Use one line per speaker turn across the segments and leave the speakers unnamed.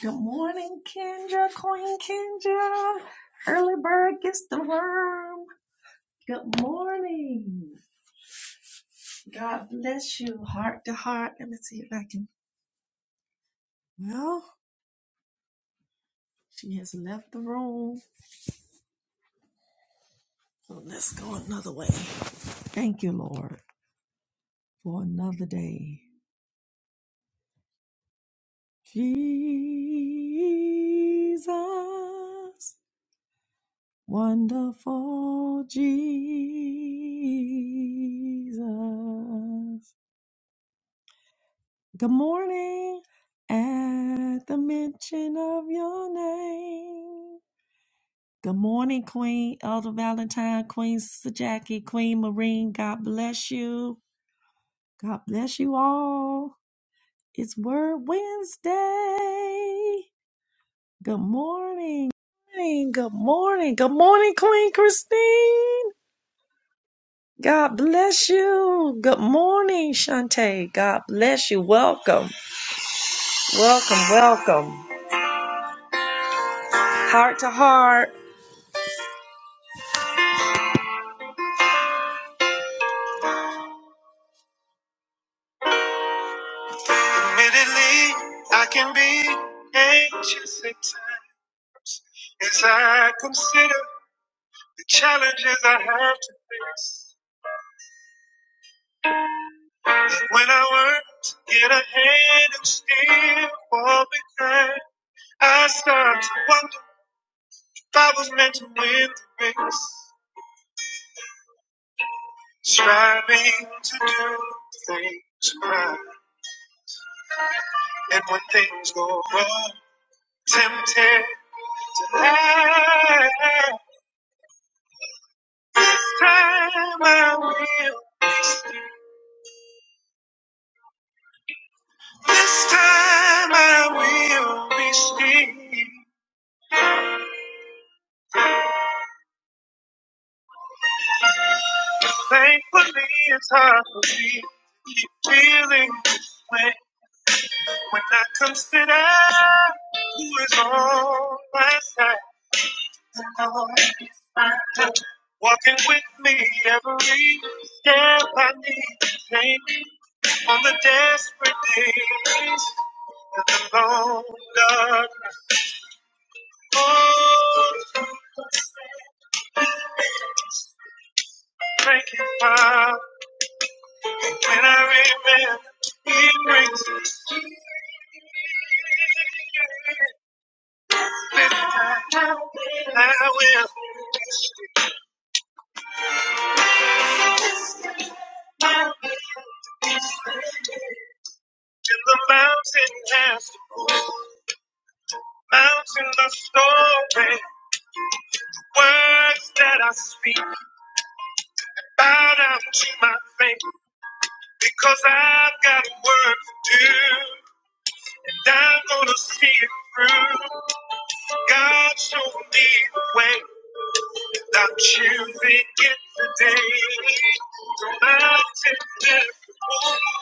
Good morning, Kendra, Queen Kendra. Early bird gets the worm. Good morning. God bless you, heart to heart. Let me see if I can. Well, she has left the room. So let's go another way. Thank you, Lord, for another day. Jesus, wonderful Jesus. Good morning. At the mention of your name. Good morning, Queen Elder Valentine, Queen Sister Jackie, Queen Marine. God bless you. God bless you all. It's Word Wednesday. Good morning. Morning. Good morning. Good morning, Queen Christine. God bless you. Good morning, Shantae. God bless you. Welcome. Welcome. Welcome. Heart to heart. Admittedly, I can be anxious at times as I consider the challenges I have to face. When I work to get ahead and still fall behind, I start to wonder if I was meant to win the race. Striving to do things right, and when things go wrong, tempted to lie. This time I will. This time I will be seen. Thankfully, it's hard for me to keep feeling this way when I consider who is on my side. The Lord is my help, walking with me every step I need to take on the desperate days. The Lord, God, oh, thank you, Father. And I remember he brings Let it down. I will. And the mountain has mountain the story. Words that I speak, bow down to my faith, because I've got a work to do, and I'm gonna see it through. God showed me the way. I'm choosing it today. The mountain never moved.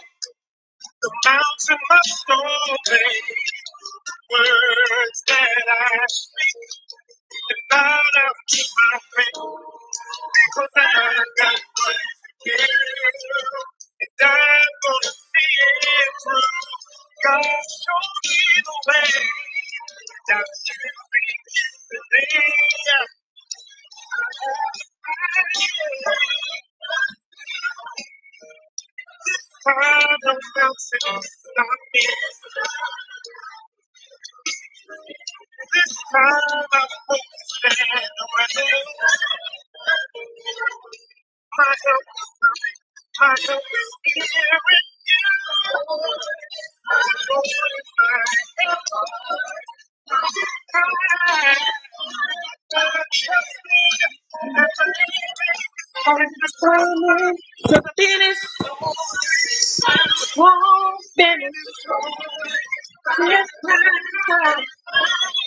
The mountain must obey. Words that I speak and bow down to my faith. Because I got what to give. And I'm gonna see it through. God showed me the way. And I'm choosing it today. I'm Father, help us to stop me. This time I won't stand away. My help is coming. My help is here in you. I know it's my help is coming. Determined to finish i strong, finish. Yes, Trust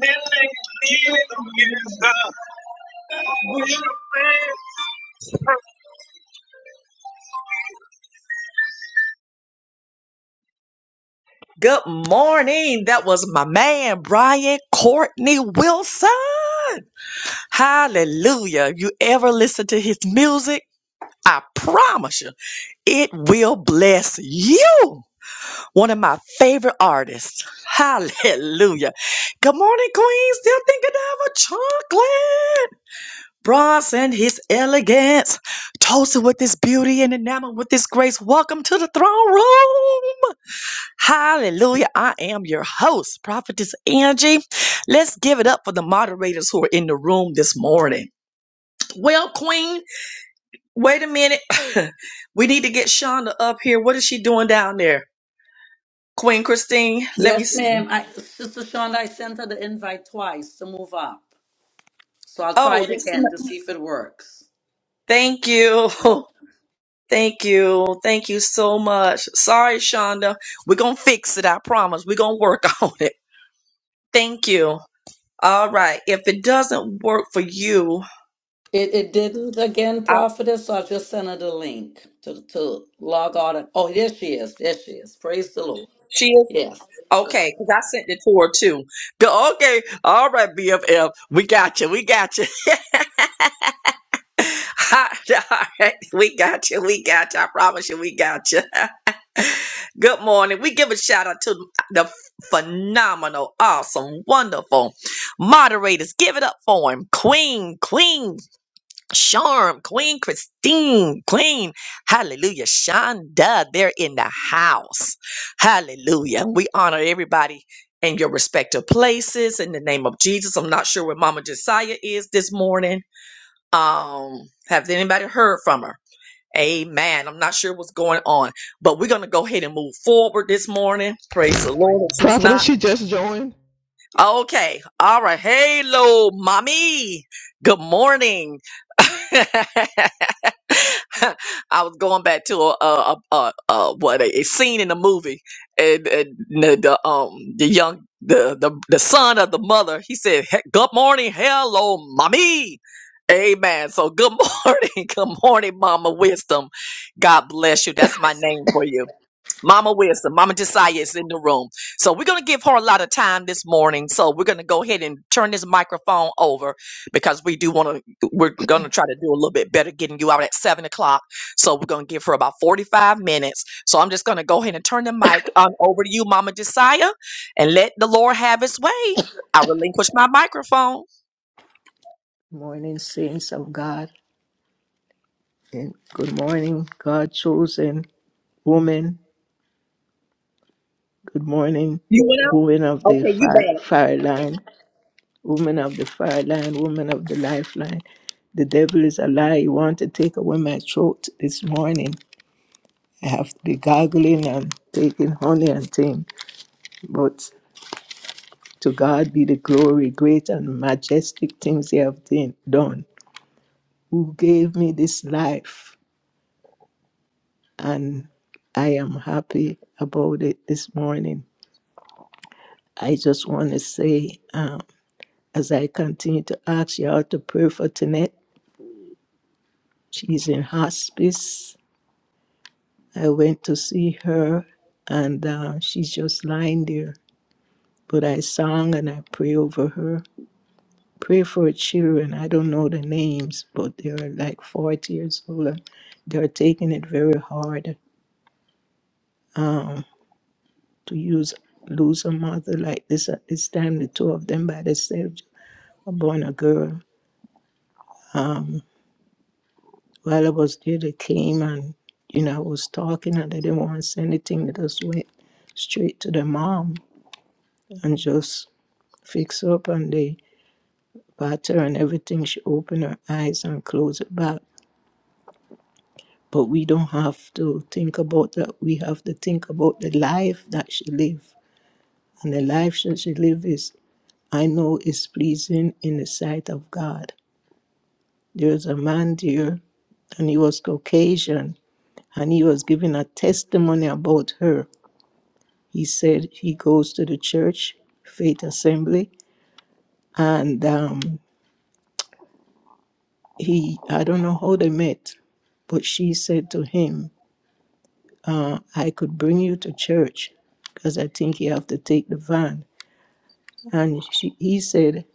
believe in the Good morning. That was my man, Brian Courtney Wilson. Hallelujah. If you ever listen to his music, I promise you, it will bless you. One of my favorite artists. Hallelujah. Good morning, Queen. Still thinking of a chocolate. Bronze and his elegance, toasted with his beauty and enamored with his grace. Welcome to the throne room. Hallelujah. I am your host, Prophetess Angie. Let's give it up for the moderators who are in the room this morning. Well, Queen, wait a minute. we need to get Shonda up here. What is she doing down there? Queen Christine, let me
Yes,
see.
ma'am. I, Sister Shonda, I sent her the invite twice to move up. So I'll try
Oh,
it
this,
again to see if it works.
thank you. Thank you. Thank you so much. Sorry, Shonda. We're going to fix it. I promise. We're going to work on it. Thank you. All right. If it doesn't work for you,
It, it didn't again,
I,
prophetess, so I just sent her the link to, to log on. Oh, there she is. There she is. Praise the Lord.
she is
Yes.
okay because I sent it to her too. Go, okay. All right, BFF. We got you. We got you. All right, we got you. We got you. I promise you, we got you. Good morning. We give a shout out to the phenomenal, awesome, wonderful moderators. Give it up for him. Queen, Queen Charm, Queen Christine, Queen, hallelujah, Shonda. They're in the house. Hallelujah. We honor everybody in your respective places in the name of Jesus. I'm not sure where Mama Josiah is this morning um, have anybody heard from her? Amen. I'm not sure what's going on, but we're going to go ahead and move forward this morning. Praise the Lord. If she's not,
Prophetess, she just joined.
Okay. All right. Hello, mommy. Good morning. I was going back to a, a, a, a, a what a, a scene in the movie, and, and the, the um the young the, the the son of the mother. He said, "He- "Good morning, hello, mommy." Amen. So good morning, good morning, Mama Wisdom. God bless you. That's my name for you. Mama Wisdom, Mama Josiah is in the room. So we're going to give her a lot of time this morning. So we're going to go ahead and turn this microphone over because we do want to, we're going to try to do a little bit better getting you out at seven o'clock. So we're going to give her about 45 minutes. So I'm just going to go ahead and turn the mic on over to you, Mama Josiah, and let the Lord have his way. I relinquish my microphone.
Morning, saints of God, and good morning, God chosen woman. Good morning,
You went
woman of
up?
the
Okay, you
fire,
back.
fire line, woman of the fire line, woman of the lifeline. The devil is a lie. He want to take away my throat this morning. I have to be gargling and taking honey and thing. But to God be the glory, great and majestic things He have done. done. Who gave me this life? and I am happy about it this morning. I just want to say, um, as I continue to ask y'all to pray for Tanette, she's in hospice. I went to see her, and uh, she's just lying there. But I sang and I pray over her. Pray for her children. I don't know the names, but they're like 40 years old. And they're taking it very hard um, to use lose a mother like this at this time, the two of them by themselves born a girl. Um, while I was there, they came and, you know, I was talking and they didn't want to say anything. They just went straight to the mom and just fix up and they pat her and everything. She opened her eyes and closed it back. But we don't have to think about that. We have to think about the life that she lived. And the life that she lived is, I know, is pleasing in the sight of God. There's a man there and he was Caucasian and he was giving a testimony about her. He said he goes to the church, Faith Assembly, and um, he, I don't know how they met, but she said to him, uh, I could bring you to church because I think you have to take the van. And she, he said,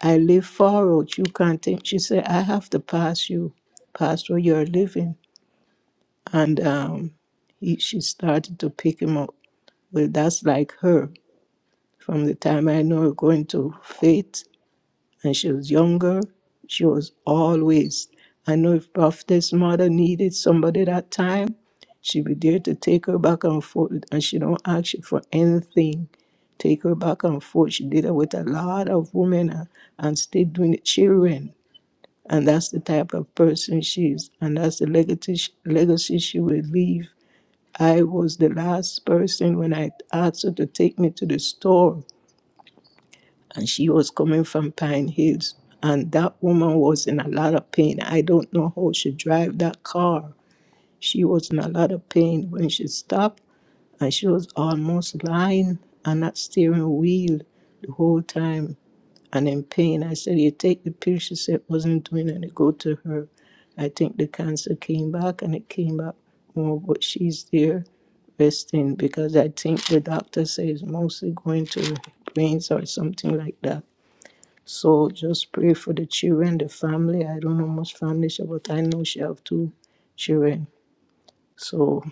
I live far out. You can't take. She said, I have to pass you, past where you're living. And um, he, she started to pick him up. Well, that's like her. From the time I know her going to faith and she was younger, she was always. I know if Prophetess mother needed somebody that time, she would be there to take her back and forth and she don't ask you for anything. Take her back and forth. She did it with a lot of women and, and still doing it children. And that's the type of person she is. And that's the legacy, sh- legacy she will leave. I was the last person when I asked her to take me to the store and she was coming from Pine Hills. And that woman was in a lot of pain. I don't know how she drive that car. She was in a lot of pain when she stopped, and she was almost lying on that steering wheel the whole time and in pain. I said, You take the pill. She said, wasn't doing any good to her. I think the cancer came back and it came back more, but she's there resting because I think the doctor says mostly going to brains or something like that so just pray for the children, the family. I don't know much family, she- but I know she have two children. So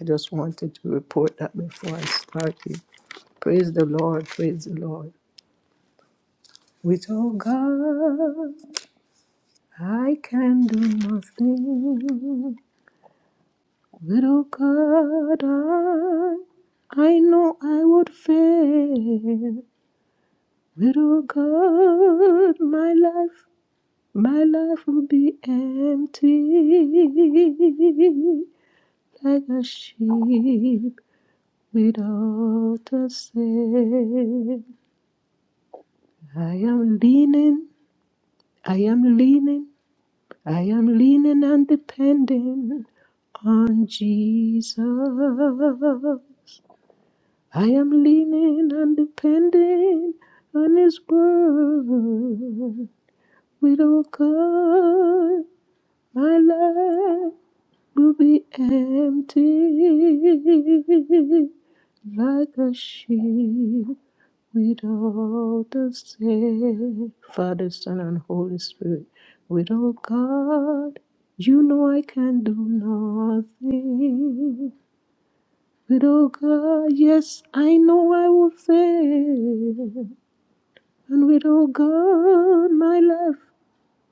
I just wanted to report that before I started. Praise the Lord, praise the Lord. Without God, I can do nothing. Without God, I, I know I would fail. Without God, my life My life will be empty like a sheep without a sail. I am leaning, I am leaning, I am leaning and depending on Jesus. I am leaning and depending on His word. With all God, my life. will be empty like a ship without a sail. Father, Son, and Holy Spirit. Without God, you know I can do nothing. Without God, yes, I know I will fail. And without God, my life,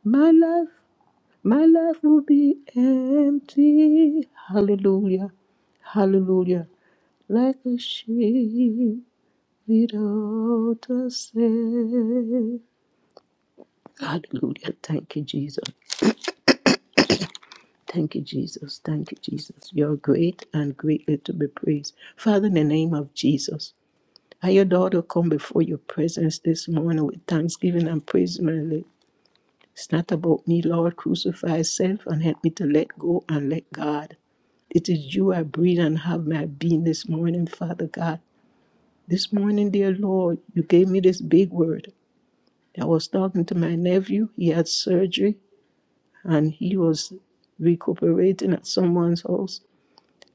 my life my life will be empty. Hallelujah. Hallelujah. Like a sheep without a shepherd. Hallelujah. Thank you, Jesus. Thank you, Jesus. Thank you, Jesus. You're great and greatly to be praised. Father, in the name of Jesus, I, your daughter, come before your presence this morning with thanksgiving and praise, my Lord. It's not about me, Lord. Crucify self and help me to let go and let God. It is you I breathe and have my being this morning, Father God. This morning, dear Lord, you gave me this big word. I was talking to my nephew. He had surgery and he was recuperating at someone's house.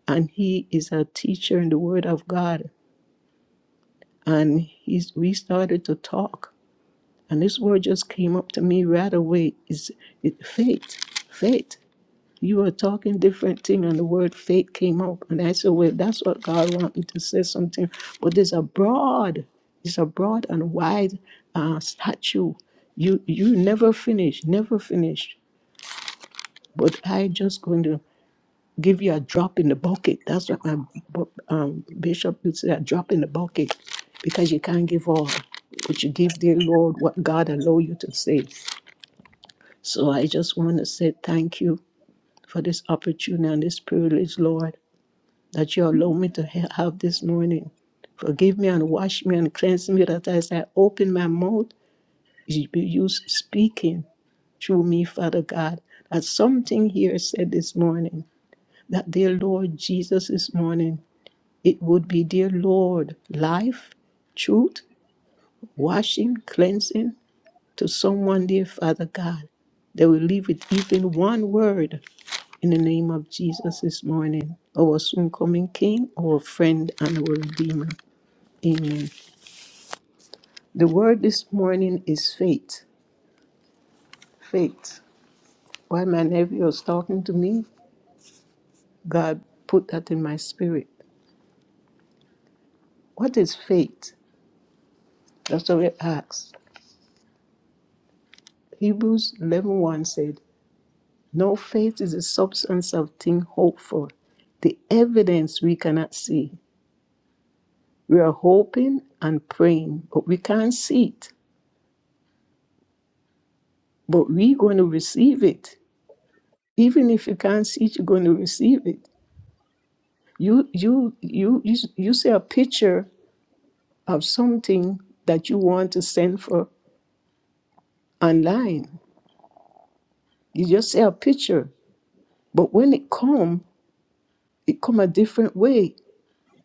And he is a teacher in the Word of God. And he's, we started to talk. And this word just came up to me right away. Is it faith? Faith. You were talking different thing, and the word faith came up, and I said, "Well, that's what God want me to say something." But there's a broad, it's a broad and wide uh, statue. You you never finish, never finish. But I just going to give you a drop in the bucket. That's what my bu- um, bishop would say, a drop in the bucket, because you can't give all, but you give the Lord what God allow you to say. So I just want to say thank you for this opportunity and this privilege, Lord. that you allow me to ha- have this morning. Forgive me and wash me and cleanse me that as I open my mouth, you be you speaking through me, Father God. That something here said this morning, that dear Lord Jesus this morning, it would be dear Lord, life, truth, washing, cleansing to someone, dear Father God. They will leave with even one word in the name of Jesus this morning, our soon coming King, our friend, and our Redeemer. Amen. The word this morning is faith. Faith. While my nephew was talking to me, God put that in my spirit. What is faith? That's what we asked. Hebrews eleven one said, No faith is the substance of things hoped for, the evidence we cannot see. We are hoping and praying, but we can't see it. But we're going to receive it. Even if you can't see it, you're going to receive it. You you you you, you see a picture of something that you want to send for online. You just say a picture, but when it come, it come a different way.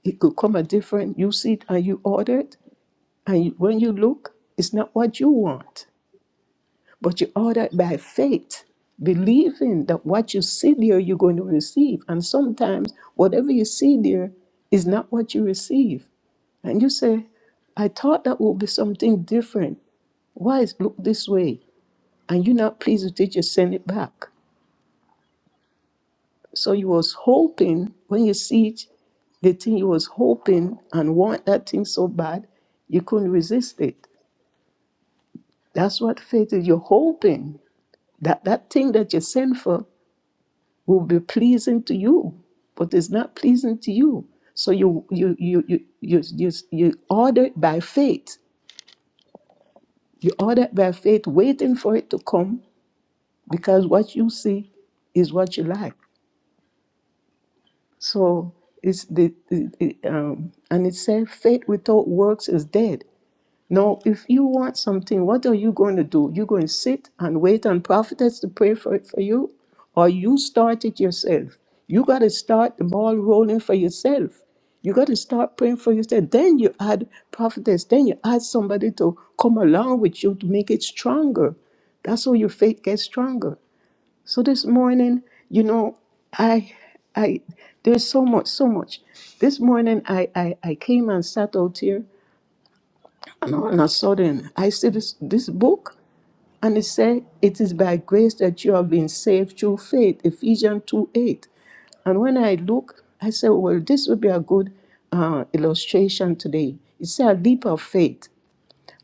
It could come a different. You see it and you order it, and you, when you look, it's not what you want, but you order it by faith, believing that what you see there you're going to receive. And sometimes whatever you see there is not what you receive, and you say, "I thought that would be something different. Why it look this way?" and you're not pleased with it, you send it back. So you was hoping when you see it, the thing you was hoping and want that thing so bad, you couldn't resist it. That's what faith is. You're hoping that that thing that you send for will be pleasing to you, but it's not pleasing to you. So you you you you you you, you order it by faith. You order it by faith, waiting for it to come because what you see is what you like. So it's the it, it, um, and it said faith without works is dead. Now, if you want something, what are you going to do? You going to sit and wait on prophets to pray for it for you, or you start it yourself? You got to start the ball rolling for yourself. You got to start praying for yourself. Then you add prophetess. Then you add somebody to come along with you to make it stronger. That's how your faith gets stronger. So this morning, you know, I I there's so much, so much. This morning I I, I came and sat out here and all of a sudden I see this this book and it said it is by grace that you have been saved through faith, Ephesians 2 8. And when I look, I said, well, this would be a good uh, illustration today. It's a leap of faith.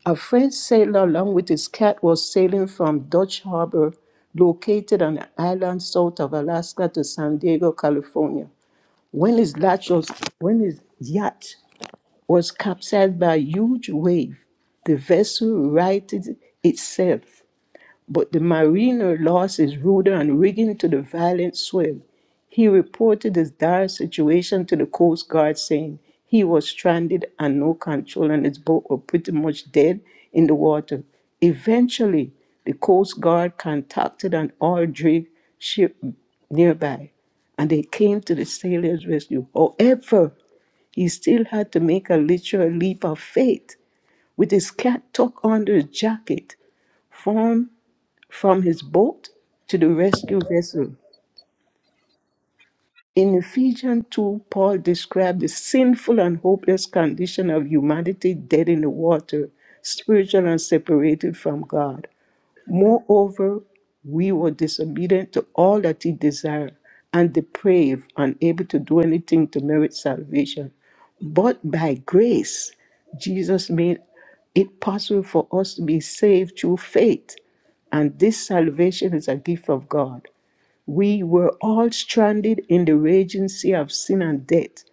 A French sailor, along with his cat, was sailing from Dutch Harbor, located on an island south of Alaska, to San Diego, California. When his yacht was, when his yacht was capsized by a huge wave, the vessel righted itself but the mariner lost his rudder and rigging to the violent swell. He reported his dire situation to the Coast Guard, saying he was stranded and no control, and his boat was pretty much dead in the water. Eventually, the Coast Guard contacted an oil drake ship nearby, and they came to the sailor's rescue. However, he still had to make a literal leap of faith with his cat tucked under his jacket. formed from his boat to the rescue vessel. In Ephesians 2, Paul described the sinful and hopeless condition of humanity dead in the water, spiritual and separated from God. Moreover, we were disobedient to all that he desired and depraved, unable to do anything to merit salvation. But by grace, Jesus made it possible for us to be saved through faith. And this salvation is a gift of God. We were all stranded in the raging sea of sin and death,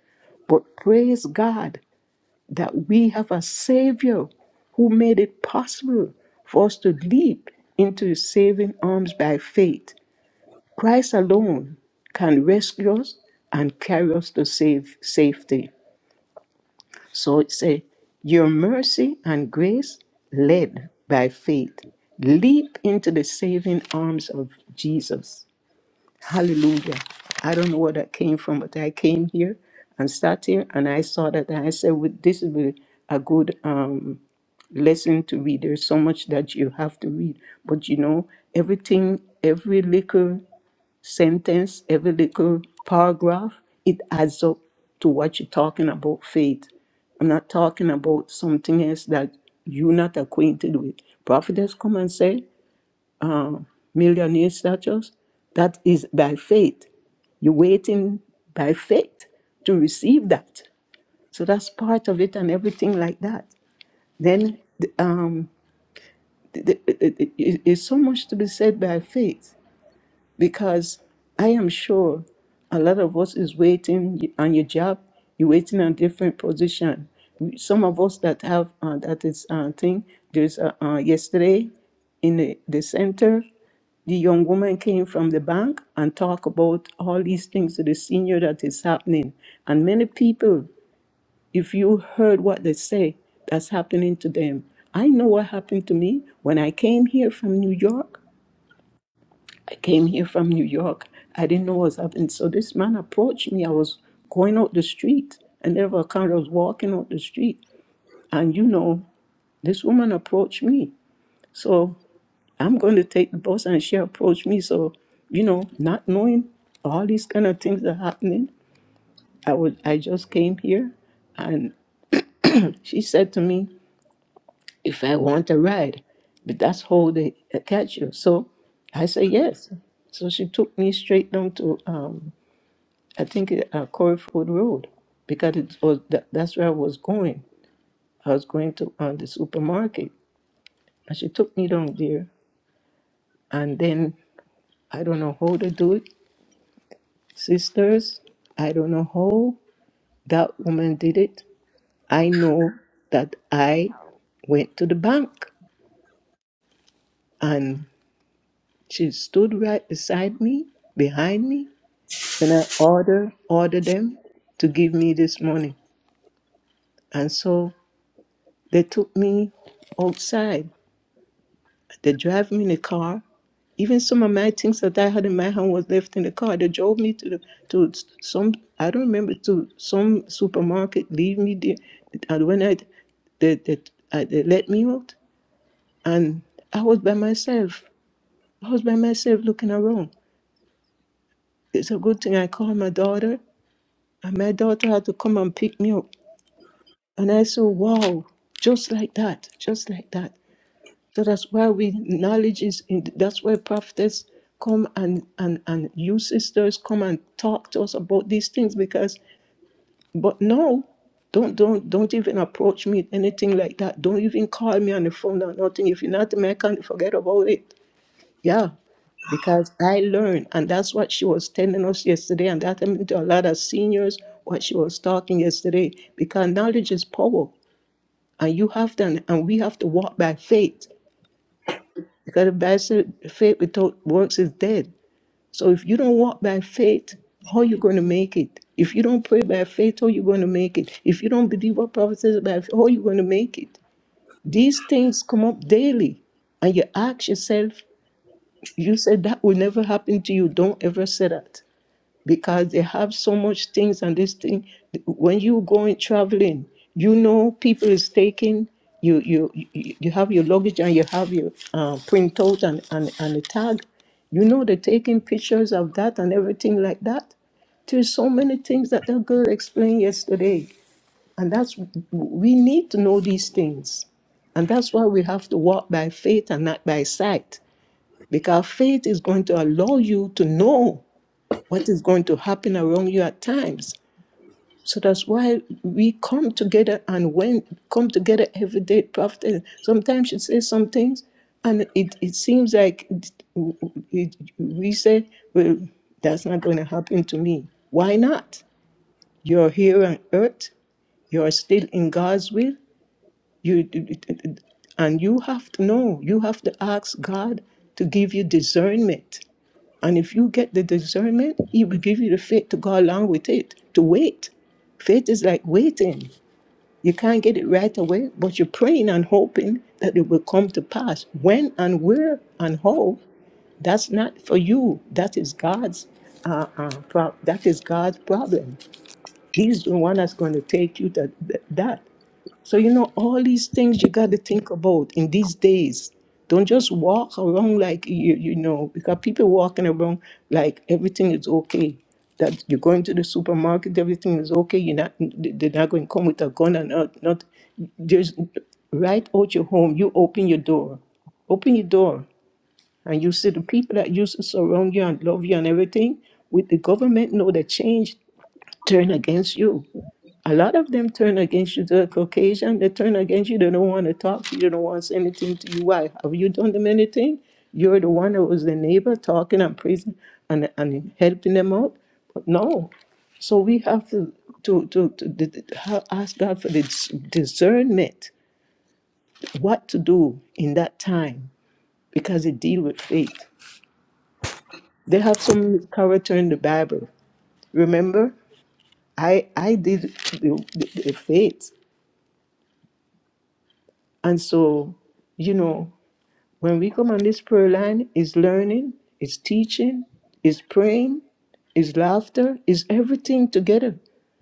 but praise God that we have a Savior who made it possible for us to leap into His saving arms by faith. Christ alone can rescue us and carry us to safe safety. So it says, Your mercy and grace led by faith. Leap into the saving arms of Jesus. Hallelujah. I don't know where that came from, but I came here and sat here and I saw that and I said, well, this is a a good um, lesson to read. There's so much that you have to read. But you know, everything, every little sentence, every little paragraph, it adds up to what you're talking about faith. I'm not talking about something else that you're not acquainted with. Prophet has come and said um, millionaire status. That is by faith. You're waiting by faith to receive that. So that's part of it and everything like that. Then the- um, the, the, it- it- it- it's so much to be said by faith because I am sure a lot of us is waiting on your job. You're waiting on different position. Some of us that have uh, that is uh, thing. There's uh, uh, yesterday in the, the center, the young woman came from the bank and talk about all these things to the senior that is happening. And many people, if you heard what they say, that's happening to them. I know what happened to me when I came here from New York. I came here from New York. I didn't know what was happening. So this man approached me. I was going out the street and never account I was walking out the street. And you know, this woman approached me. So I'm going to take the bus and she approached me. So, you know, not knowing all these kind of things are happening. I would I just came here and she said to me, if I want a ride, but that's how they catch you. So I said yes. So she took me straight down to um, I think uh, Coreyfield Road because it was that, that's where I was going. I was going to uh, the supermarket, and she took me down there. And then I don't know how to do it, sisters. I don't know how that woman did it. I know that I went to the bank, and she stood right beside me, behind me, and I ordered ordered them to give me this money. And so they took me outside They drive me in the car. Even some of my things that I had in my hand was left in the car. They drove me to the, to some I don't remember to some supermarket. Leave me there, and when I they they, uh, they let me out, and I was by myself. I was by myself looking around. It's a good thing I called my daughter, and my daughter had to come and pick me up. And I said, "Wow, just like that, just like that." So that's why we knowledge is in, that's why prophets come and, and and you sisters come and talk to us about these things because but no, don't don't don't even approach me anything like that. Don't even call me on the phone or nothing. If you're not American, forget about it. Yeah. Because I learned and that's what she was telling us yesterday and that happened to a lot of seniors what she was talking yesterday. Because knowledge is power and you have to and we have to walk by faith. Because the Bible faith without works is dead. So if you don't walk by faith, how you going to make it? If you don't pray by faith, how you going to make it? If you don't believe what prophet says by faith, how you going to make it? These things come up daily. And you ask yourself, you said that will never happen to you. Don't ever say that because they have so much things and this thing when you going traveling you know people is taking you you you you have your luggage and you have your uh, printout and, and and a tag you know they're taking pictures of that and everything like that there's so many things that that girl explained yesterday and that's we need to know these things and that's why we have to walk by faith and not by sight because faith is going to allow you to know what is going to happen around you at times. So that's why we come together and when come together every day Prophet. Sometimes you say some things and it, it seems like it, it, we say, well, that's not going to happen to me. Why not? You're here on earth. You're still in God's will. You and you have to know. You have to ask God to give you discernment and if you get the discernment, He will give you the faith to go along with it, to wait. Faith is like waiting. You can't get it right away, but you're praying and hoping that it will come to pass. When and where and how, that's not for you. That is God's. Uh, uh, pro- that is God's problem. He's the one that's going to take you to th- that. So, you know, all these things you got to think about in these days. Don't just walk around like you, you know, because people walking around like everything is okay. That you're going to the supermarket, everything is okay. You're not, they're not going to come with a gun and not, not just right out your home. You open your door, open your door, and you see the people that used to surround you and love you and everything. With the government, know that change turn against you a lot of them turn against you. the Caucasian. They turn against you. They don't want to talk to you. They don't want to say anything to you. Why? Have you done them anything? You're the one that was the neighbor talking and praising and, and helping them out. But no. So we have to, to, to, to d- d- ha- ask God for the dis- discernment, what to do in that time, because it deal with faith. They have some character in the Bible. Remember, I I did the, the, the faith, and so you know When we come on this prayer line, it's learning, it's teaching, it's praying, it's laughter, it's everything together.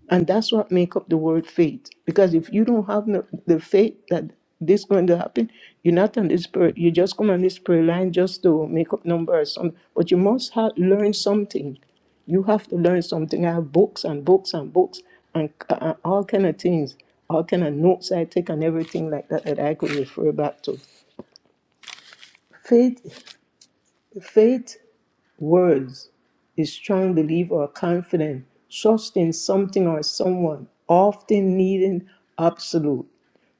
And that's what make up the word faith. Because if you don't have no, the faith that this going to happen, you're not on this prayer. You just come on this prayer line just to make up numbers. Some, but you must have learn something. You have to learn something. I have books and books and books and uh, uh, all kind of things, all kind of notes I take and everything like that that I could refer back to. Faith. Faith words is strong belief or confident trust in something or someone, often needing absolute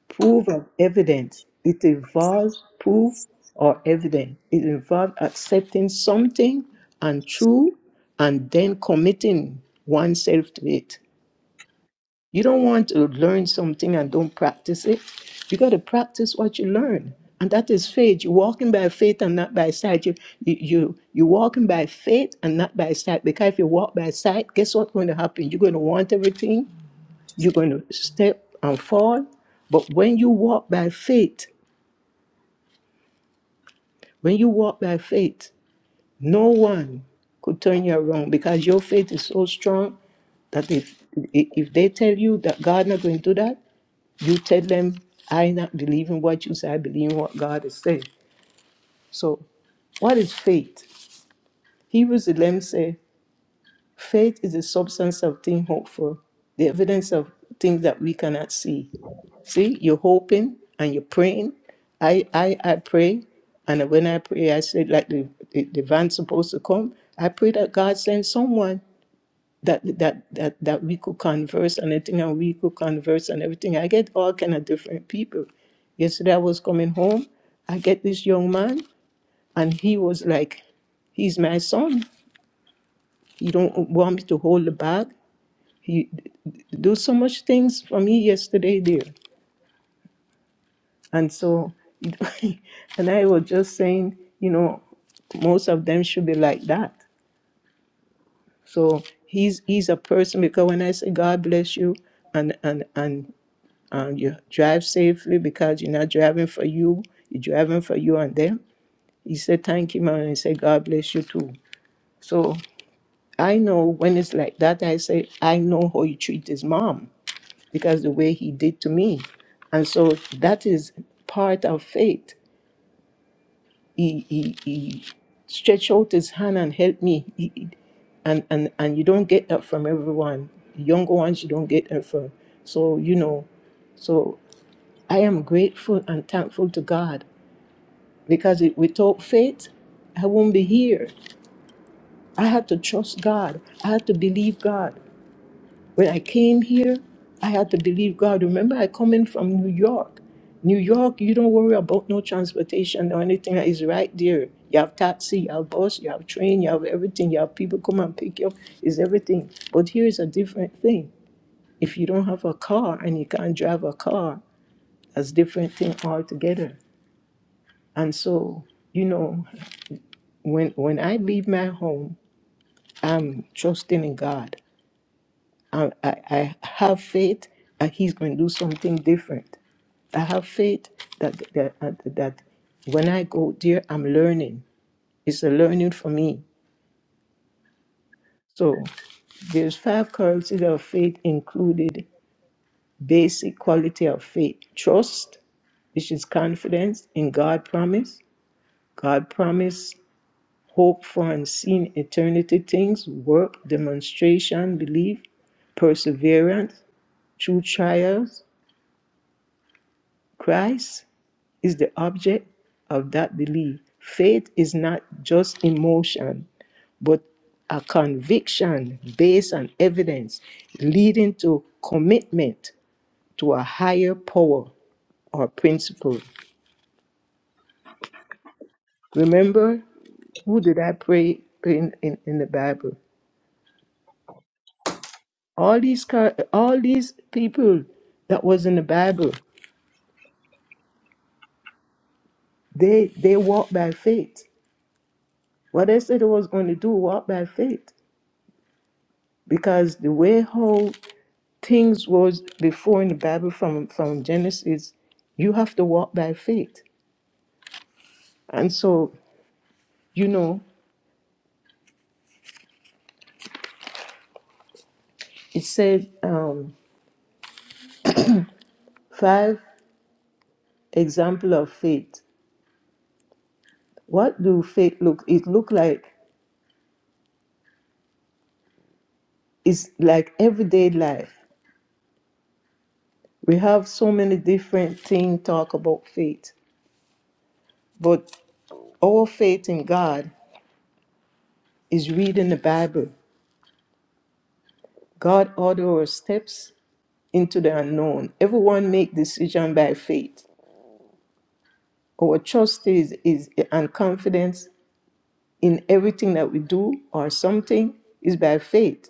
proof of evidence. It involves proof or evidence. It involves accepting something and true and then committing oneself to it. You don't want to learn something and don't practice it. You got to practice what you learn. And that is faith. You're walking by faith and not by sight. You, you, you, you're walking by faith and not by sight. Because if you walk by sight, guess what's going to happen? You're going to want everything. You're going to step and fall. But when you walk by faith, when you walk by faith, no one could turn you around because your faith is so strong that if, if they tell you that God not going to do that, You tell them, I not believe in what you say, I believe in what God has said. So what is faith? Hebrews 11 says, faith is the substance of things hoped for, the evidence of things that we cannot see. See, you're hoping and you're praying. I, I, I pray, and when I pray, I said, like the, the, the van's supposed to come, I pray that God sends someone that that that that we could converse and everything, and we could converse and everything. I get all kind of different people. Yesterday I was coming home, I get this young man and he was like, He's my son. He don't want me to hold the bag. He d- d- do so much things for me yesterday dear." And so and I was just saying, you know, most of them should be like that. So he's he's a person because when I say God bless you and and and um, you drive safely because you're not driving for you, you're driving for you and them. He said, Thank you, man. And he said, God bless you too. So I know when it's like that, I say, I know how you treat his mom because the way he did to me. And so that is part of faith. He, he, he stretched out his hand and helped me. He- he- and, and, and you don't get that from everyone. Younger ones, you don't get that from. So, you know, so I am grateful and thankful to God because it- without faith, I won't be here. I had to trust God. I had to believe God. When I came here, I had to believe God. Remember, I come in from New York. New York, you don't worry about no transportation or anything that is right there. You have taxi, you have bus, you have train, you have everything. You have people come and pick you up. It's everything. But here is a different thing. If you don't have a car and you can't drive a car, that's different thing altogether. And so, you know, when when I leave my home, I'm trusting in God. I, I, I have faith that He's going to do something different. I have faith that that that that when I go there, I'm learning. It's a learning for me. So there's five characteristics of faith included: basic quality of faith, trust, which is confidence in God promise, God promise hope for unseen eternity things, work, demonstration, belief, perseverance, through trials. Christ is the object of that belief. Faith is not just emotion, but a conviction based on evidence leading to commitment to a higher power or principle. Remember, who did I pray in, in, in the Bible? all these co- all these people that was in the Bible, they they walked by faith. What they said they was going to do, walk by faith, because the way how things was before in the Bible from from Genesis, you have to walk by faith. And so you know, it said um, five example of faith. What do faith look? It look like it's like everyday life. We have so many different things talk about faith, but Our faith in God is reading the Bible. God order our steps into the unknown. Everyone make decision by faith. Our trust is, is and confidence in everything that we do or something is by faith.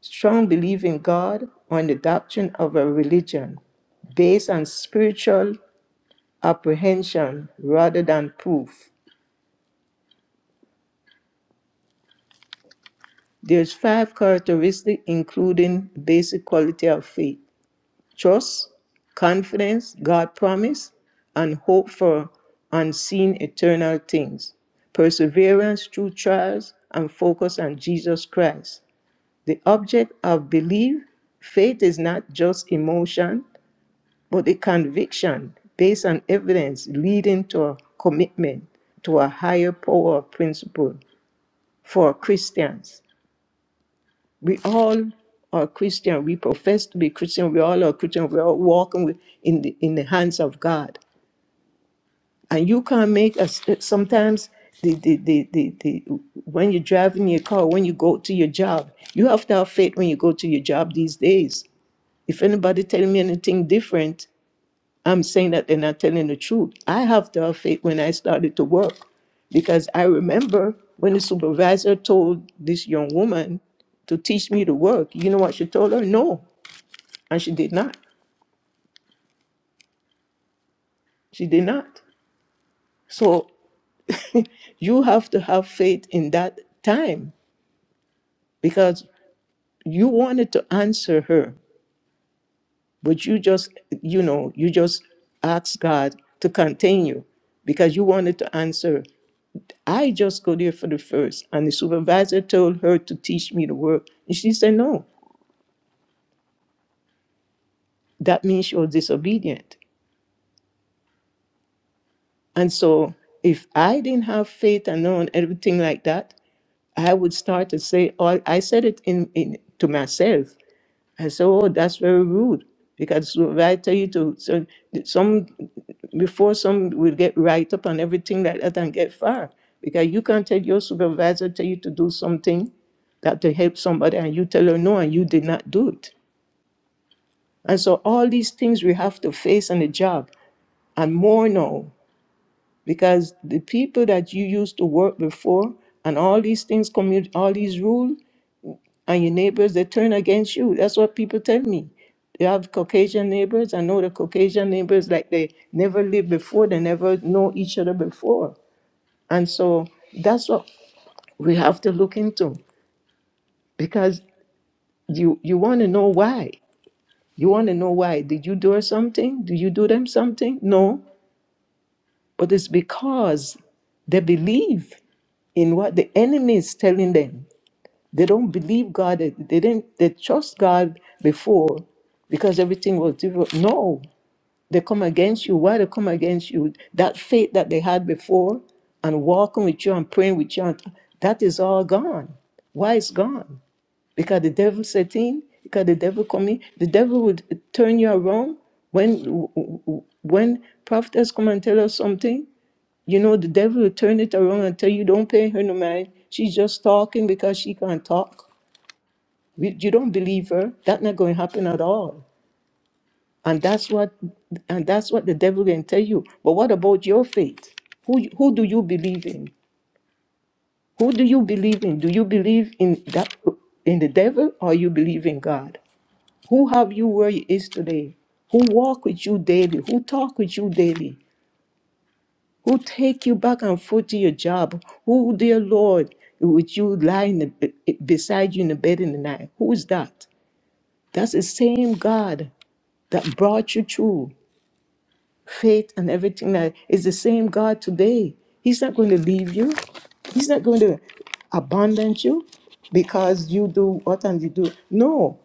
Strong belief in God on the doctrine of a religion based on spiritual apprehension rather than proof. There's five characteristics including basic quality of faith. trust, confidence, God promise, and hope for unseen eternal things, perseverance through trials, and focus on Jesus Christ. The object of belief, faith is not just emotion, but a conviction based on evidence leading to a commitment to a higher power or principle for Christians. We all are Christian. We profess to be Christian. We all are Christian. We are walking with, in the in the hands of God. And you can't make us sometimes the, the, the, the, the when you're driving your car, when you go to your job, you have to have faith when you go to your job these days. If anybody tell me anything different, I'm saying that they're not telling the truth. I have to have faith when I started to work because I remember when the supervisor told this young woman to teach me to work, you know what she told her? No. And she did not. She did not. So you have to have faith in that time because you wanted to answer her, but you just, you know, you just asked God to continue because you wanted to answer I just go there for the first. And the supervisor told her to teach me the word. And she said, No, that means you're disobedient. And so if I didn't have faith and know and everything like that, I would start to say all I said it in, in to myself. I said, "Oh, that's very rude." Because if I tell you to, so some before some will get right up on everything like that and get fired. Because you can't tell your supervisor tell you to do something that to help somebody and you tell her no and you did not do it. And so all these things we have to face on the job and more now because the people that you used to work before and all these things commu- all these rules and your neighbors they turn against you. That's what people tell me. They have Caucasian neighbors. I know the Caucasian neighbors like they never lived before, they never know each other before. And so that's what we have to look into because you you want to know why. You want to know why. Did you do her something? Did you do them something? No. But it's because they believe in what the enemy is telling them. They don't believe God. They, they didn't. They trust God before because everything was different. No, they come against you. Why they come against you? That faith that they had before, and walking with you and praying with you, and that is all gone. Why it's gone? Because the devil set in. Because the devil come in. The devil would turn you around when when prophets come and tell us something. You know, the devil will turn it around and tell you, "Don't pay her no mind. She's just talking because she can't talk." You you don't believe her. That's not going to happen at all. And that's what and that's what the devil can tell you. But what about your faith? Who you- who do you believe in? Who do you believe in? Do you believe in that in the devil or you believe in God? Who have you where you is today? Who walk with you daily? Who talk with you daily? Who take you back and forth to your job? Who, dear Lord, would you lie in the, beside you in the bed in the night? Who is that? That's the same God that brought you through faith and everything that is the same God today. He's not going to leave you. He's not going to abandon you because you do what and you do. No,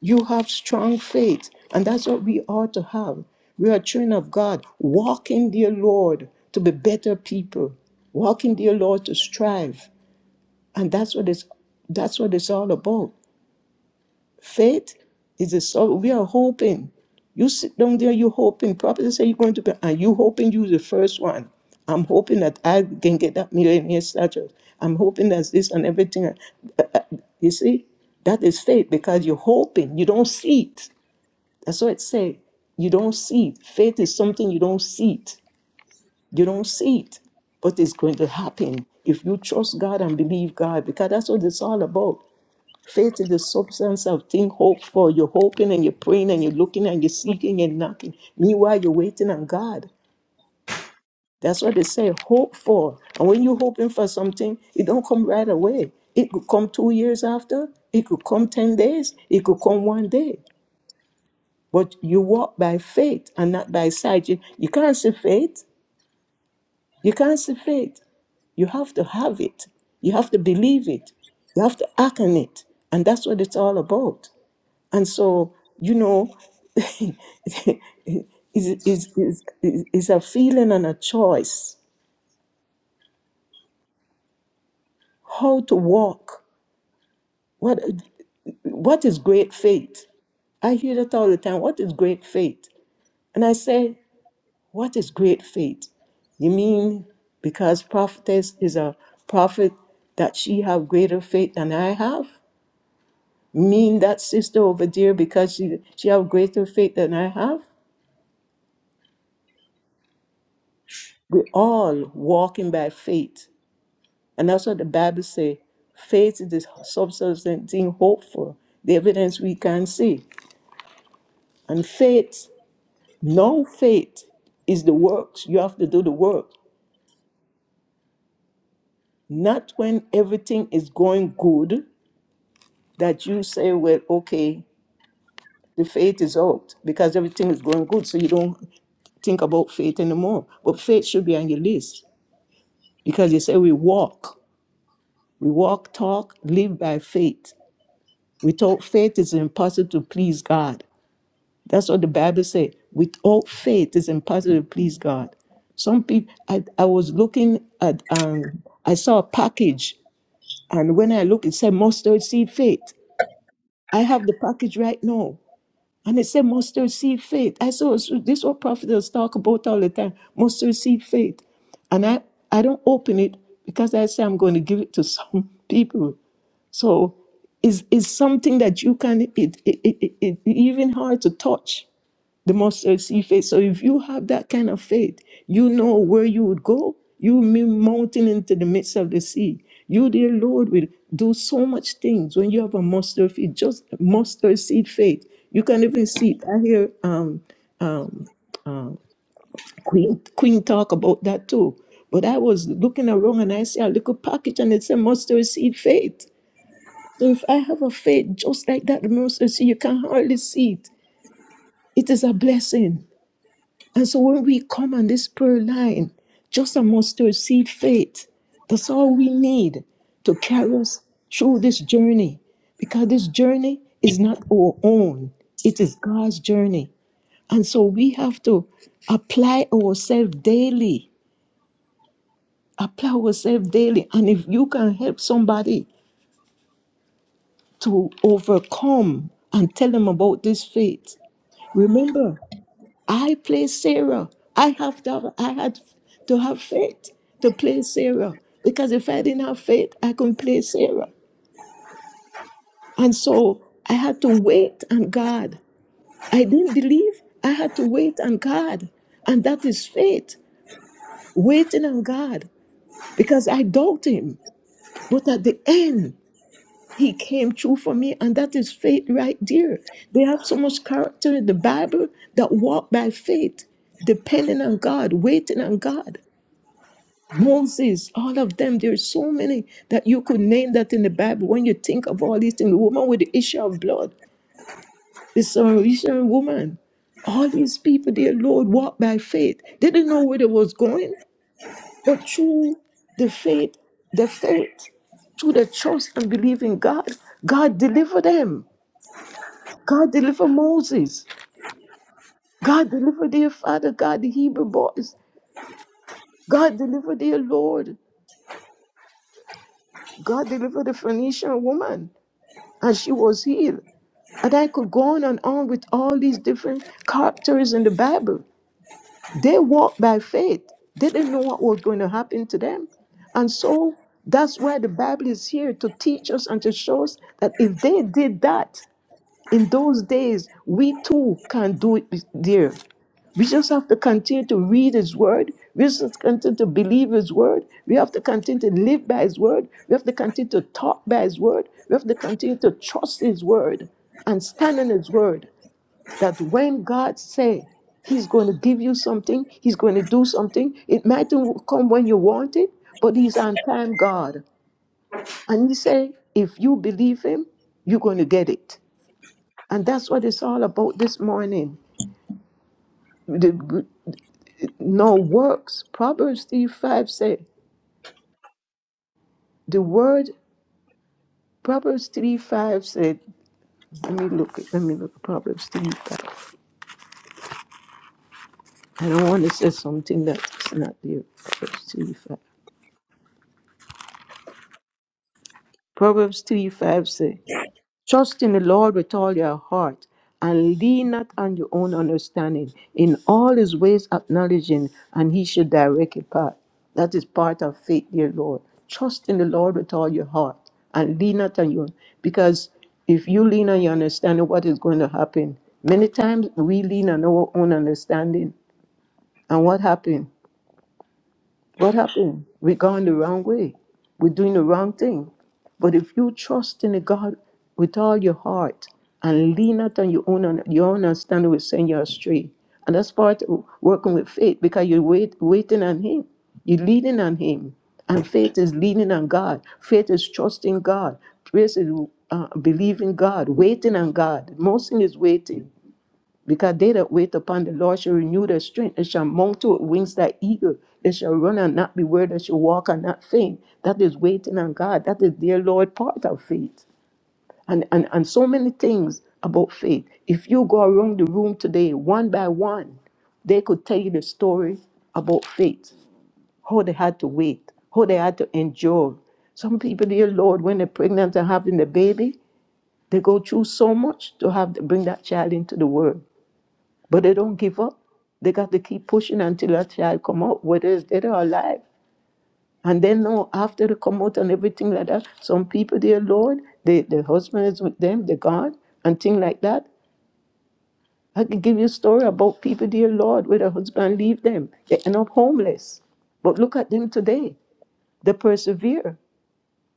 you have strong faith, and that's what we ought to have. We are children of God. Walk in dear Lord to be better people. Walk in dear Lord to strive. And that's what it's that's what it's all about. Faith is a sort we are hoping. You sit down there, you hoping. Prophet say you're going to be, and you hoping you the first one. I'm hoping that I can get that millionaire status. I'm hoping that this and everything. Uh, uh, uh, You see, that is faith because you're hoping. You don't see it. That's what it say. You don't see it. Faith is something you don't see it. You don't see it but it's going to happen if you trust God and believe God, because that's what it's all about. Faith is the substance of things hoped for. You're hoping and you're praying and you're looking and you're seeking and knocking. Meanwhile, you're waiting on God. That's what they say, hope for. And when you're hoping for something, it don't come right away. It could come two years after. It could come 10 days. It could come one day. But you walk by faith and not by sight. You, you can't see faith. You can't see faith. You have to have it. You have to believe it. You have to act on it. And that's what it's all about. And so, you know, is is is is a feeling and a choice how to walk. What what is great faith? I hear that all the time. What is great faith? And I say, what is great faith? You mean because prophetess is a prophet that she have greater faith than I have? Mean that sister over there because she she have greater faith than I have? We all walking by faith And that's what the Bible says. Faith is the substance of thing hoped for, the evidence we can see. And faith, no faith is the works. You have to do the work. Not when everything is going good that you say, well, okay, the faith is out because everything is going good. So you don't think about faith anymore. But faith should be on your list because you say we walk. We walk, talk, live by faith. Without faith, it's impossible to please God. That's what the Bible says. With all faith is impossible to please God. Some people, I, I was looking at, um, I saw a package, and when I looked, it said mustard seed faith. I have the package right now, and it said mustard seed faith. I saw so this is what prophets talk about all the time, mustard seed faith, and I I don't open it because I say I'm going to give it to some people. So, is is something that you can it it, it, it it even hard to touch the mustard seed faith. So if you have that kind of faith, you know where you would go. You mean mountain into the midst of the sea. You, dear Lord, will do so much things when you have a mustard seed, just mustard seed faith. You can even see it. I hear um, um, Queen Queen talk about that too. But I was looking around and I see a little package and it said mustard seed faith. So if I have a faith just like that, the mustard seed, you can hardly see it. It is a blessing. And so when we come on this prayer line, just a mustard seed faith, that's all we need to carry us through this journey. Because this journey is not our own, it is God's journey. And so we have to apply ourselves daily, apply ourselves daily. And if you can help somebody to overcome and tell them about this faith, remember I play Sarah. I have to have, I had to have faith to play Sarah because if I didn't have faith, I couldn't play Sarah. And so I had to wait on God. I didn't believe. I had to wait on God, and that is faith, waiting on God because I doubt Him. But at the end, He came true for me, and that is faith right there. They have so much character in the Bible that walk by faith, depending on God, waiting on God. Moses, all of them. There are so many that you could name that in the Bible. When you think of all these things, the woman with the issue of blood, the Samaritan woman, all these people, their Lord walked by faith. They didn't know where they was going, but through the faith, the faith, through the trust and belief in God, God delivered them. God delivered Moses. God delivered their father, God, the Hebrew boys. God delivered their Lord. God delivered the Phoenician woman, and she was healed. And I could go on and on with all these different characters in the Bible. They walked by faith. They didn't know what was going to happen to them. And so that's why the Bible is here to teach us and to show us that if they did that, in those days, we too can do it, dear. We just have to continue to read His Word. We just continue to believe His Word. We have to continue to live by His Word. We have to continue to talk by His Word. We have to continue to trust His Word and stand on His Word. That when God say He's going to give you something, He's going to do something, it might not come when you want it, but He's on time God. And He say, if you believe Him, you're going to get it. And that's what it's all about this morning. The, no works. Proverbs 3 5 said, the word, Proverbs 3 5 said, let me look, at- let me look at Proverbs 3 5. I don't want to say something that's not there. Proverbs 3 5. Proverbs 3 5 said. Trust in the Lord with all your heart and lean not on your own understanding. In all his ways, acknowledging, and he shall direct your path. That is part of faith, dear Lord. Trust in the Lord with all your heart and lean not on your own. Because if you lean on your understanding, what is going to happen? Many times we lean on our own understanding. And what happened? What happened? We're going the wrong way. We're doing the wrong thing. But if you trust in a God with all your heart and lean not on your own un- your own understanding, will send you astray. And that's part of working with faith because you're wait, waiting on Him. You're leaning on Him. And faith is leaning on God. Faith is trusting God. Praise is uh, believing God, waiting on God. Most thing is waiting. Because they that wait upon the Lord shall renew their strength. They shall mount to wings like eagle. They shall run and not be weary. They shall walk and not faint. That is waiting on God. That is their Lord part of faith. And, and, and so many things about faith. If you go around the room today, one by one, they could tell you the story about faith, how they had to wait, how they had to endure. Some people, dear Lord, when they're pregnant and having the baby, they go through so much to have to bring that child into the world. But they don't give up. They got to keep pushing until that child come out, whether it's dead or alive. And then now after they come out and everything like that, some people they alone, they, the husband is with them, they're gone, and things like that. I could give you a story about people, dear Lord, where the husband leave them. They end up homeless. But look at them today. They persevere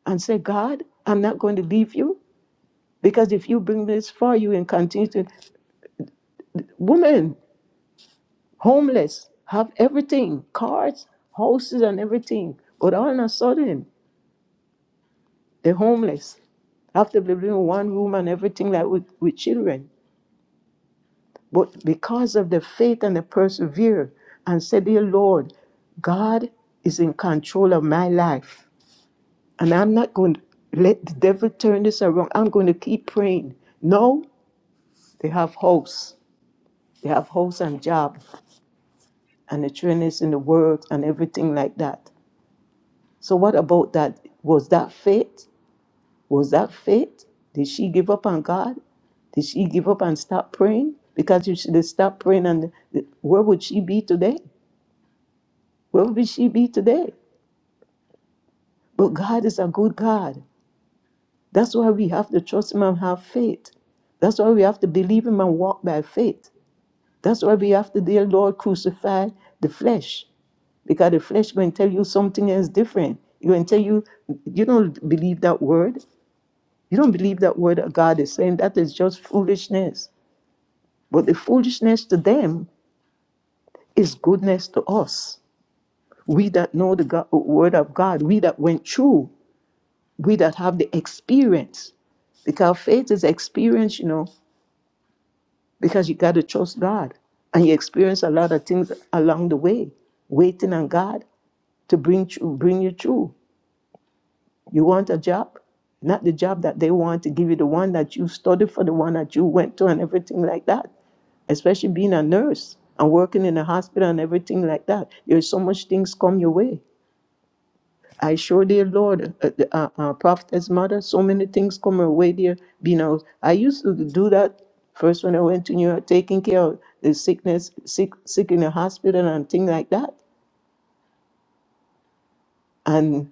and say, God, I'm not going to leave you. Because if you bring me this far, you can continue to. Woman, homeless, have everything, cars, houses, and everything. But all of a sudden, they're homeless. Have to live in one room and everything like with, with children. But because of the faith and the persevere and say, Dear Lord, God is in control of my life. And I'm not going to let the devil turn this around. I'm going to keep praying. No, they have house. They have house and job and the trainers in the works and everything like that. So what about that? Was that faith? Was that faith? Did she give up on God? Did she give up and stop praying? Because if she did stop praying, and where would she be today? Where would she be today? But God is a good God. That's why we have to trust Him and have faith. That's why we have to believe Him and walk by faith. That's why we have to, dear Lord, crucify the flesh. Because the flesh going to tell you something else different. It going to tell you, you don't believe that word. You don't believe that word of God is saying that is just foolishness. But the foolishness to them is goodness to us. We that know the God, word of God, we that went through, we that have the experience. Because faith is experience, you know, because you got to trust God. And you experience a lot of things along the way, waiting on God to bring, bring you through. You want a job? Not the job that they want to give you, the one that you studied for, the one that you went to, and everything like that. Especially being a nurse and working in a hospital and everything like that. There's so much things come your way. I sure, dear Lord, uh, uh, uh, uh, prophetess mother, so many things come her way, dear. You know, I used to do that first when I went to New York, taking care of the sickness, sick, sick in the hospital and things like that. And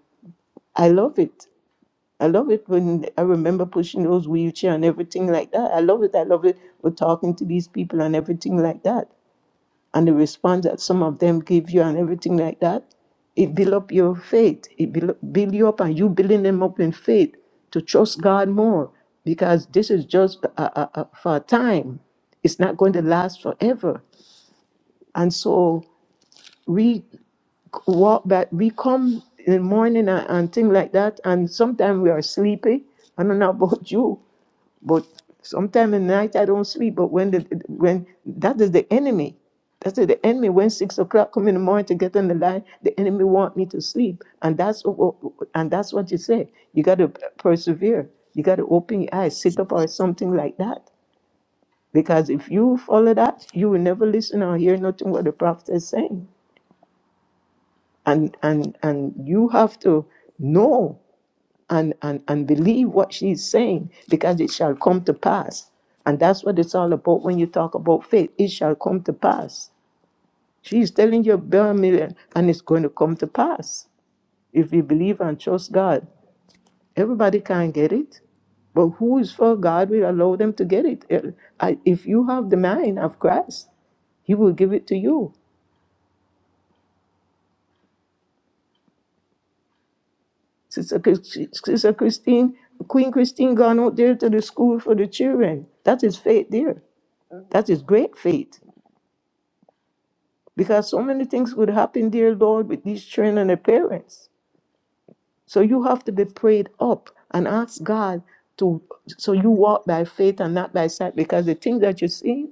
I love it. I love it when I remember pushing those wheelchair and everything like that. I love it. I love it. We're talking to these people and everything like that. And the response that some of them give you and everything like that, it build up your faith. It build, build you up and you building them up in faith to trust God more because this is just uh, uh, uh, for a time. It's not going to last forever. And so walk but we come in the morning and, and things like that and sometimes we are sleepy i don't know about you but sometimes at night i don't sleep but when the when that is the enemy that's the enemy when six o'clock come in the morning to get on the line the enemy want me to sleep and that's what and that's what you say you got to persevere you got to open your eyes sit up or something like that because if you follow that you will never listen or hear nothing what the prophet is saying and and and you have to know and and and believe what she's saying because it shall come to pass and that's what it's all about when you talk about faith it shall come to pass she's telling you a bare million and it's going to come to pass if you believe and trust god everybody can not get it but who is for god will allow them to get it Eh, I- if you have the mind of christ he will give it to you Sister, Chris- Sister Christine, Queen Christine gone out there to the school for the children. That is faith there. That is great faith. Because so many things would happen, dear Lord, with these children and their parents. So you have to be prayed up and ask God to so you walk by faith and not by sight. Because the thing that you see,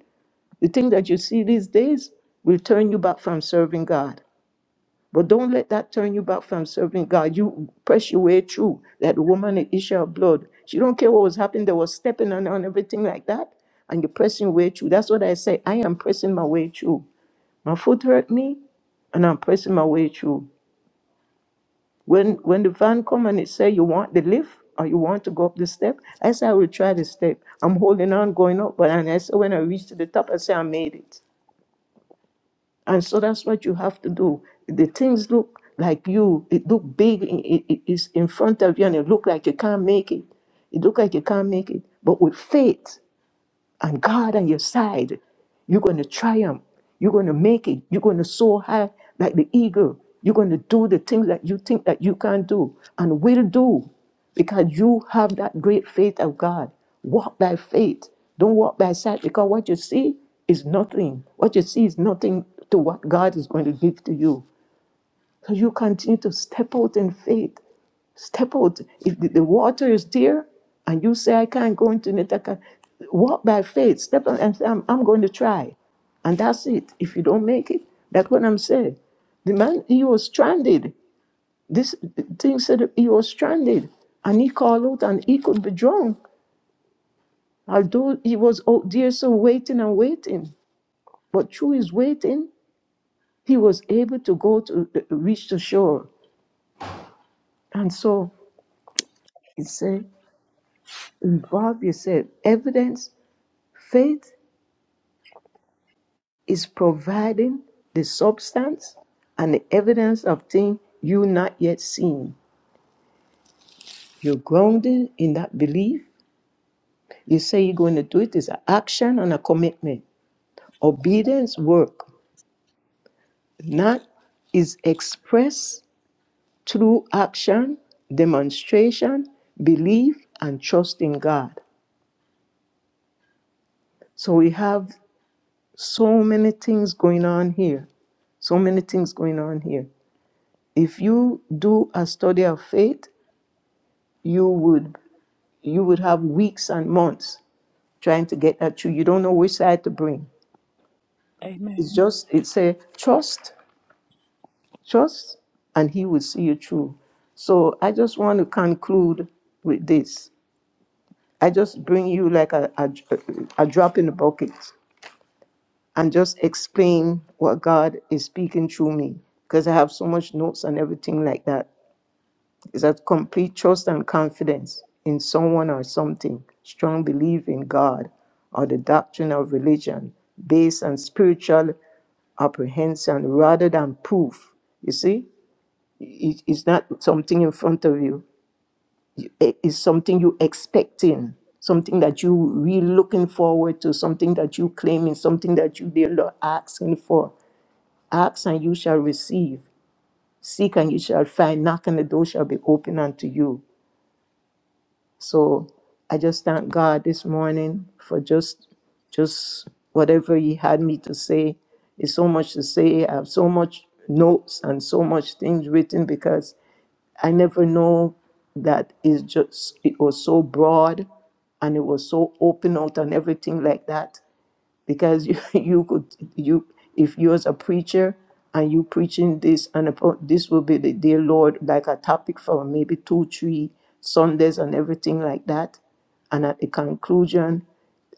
the thing that you see these days will turn you back from serving God. But don't let that turn you back from serving God. You press your way through. That woman at issue of blood, she don't care what was happening. There was stepping on her everything like that. And you're pressing your way through. That's what I say. I am pressing my way through. My foot hurt me, and I'm pressing my way through. When when the van come and it say you want the lift or you want to go up the step, I say I will try the step. I'm holding on, going up. But and I say when I reach to the top, I say I made it. And so that's what you have to do. The things look like you, it look big, it, it, it is in front of you, and it look like you can't make it. It look like you can't make it. But with faith, and God on your side, you're going to triumph. You're going to make it. You're going to soar high like the eagle. You're going to do the things that you think that you can do and will do because you have that great faith of God. Walk by faith. Don't walk by sight because what you see is nothing. What you see is nothing to what God is going to give to you. So you continue to step out in faith. Step out. If the, the water is there and you say, I can't go into it, I can't. Walk by faith. Step out and say, I'm, I'm going to try. And that's it. If you don't make it, that's what I'm saying. The man, he was stranded. This thing said he was stranded. And he called out and he could be drowned. Although he was out there so waiting and waiting. But through his waiting, he was able to go to uh, reach the shore. And so he said. Involve yourself. Evidence, faith is providing the substance and the evidence of things you not yet seen. You're grounded in that belief. You say you're going to do it. it is an action and a commitment. Obedience work. Not is expressed through action, demonstration, belief, and trust in God. So we have so many things going on here. So many things going on here. If you do a study of faith, you would you would have weeks and months trying to get that through. You don't know which side to bring. It's
Amen.
just it's a trust, trust, and he will see you through. So I just want to conclude with this. I just bring you like a, a, a drop in the bucket and just explain what God is speaking through me because I have so much notes and everything like that. It's that complete trust and confidence in someone or something, strong belief in God or the doctrine of religion, based on spiritual apprehension rather than proof. You see, it, it's not something in front of you, You- It- it's something you expecting, something that you really looking forward to, something that you claiming, something that you dear Lord asking for. Ask and you shall receive, seek and you shall find, knock and the door shall be open unto you. So I just thank God this morning for just just whatever He had me to say. It's so much to say. I have so much notes and so much things written because I never know that it's just it was so broad and it was so open out and everything like that because you, you could you if you as a preacher and you preaching this and upon, this will be the dear lord like a topic for maybe two three sundays and everything like that and at the conclusion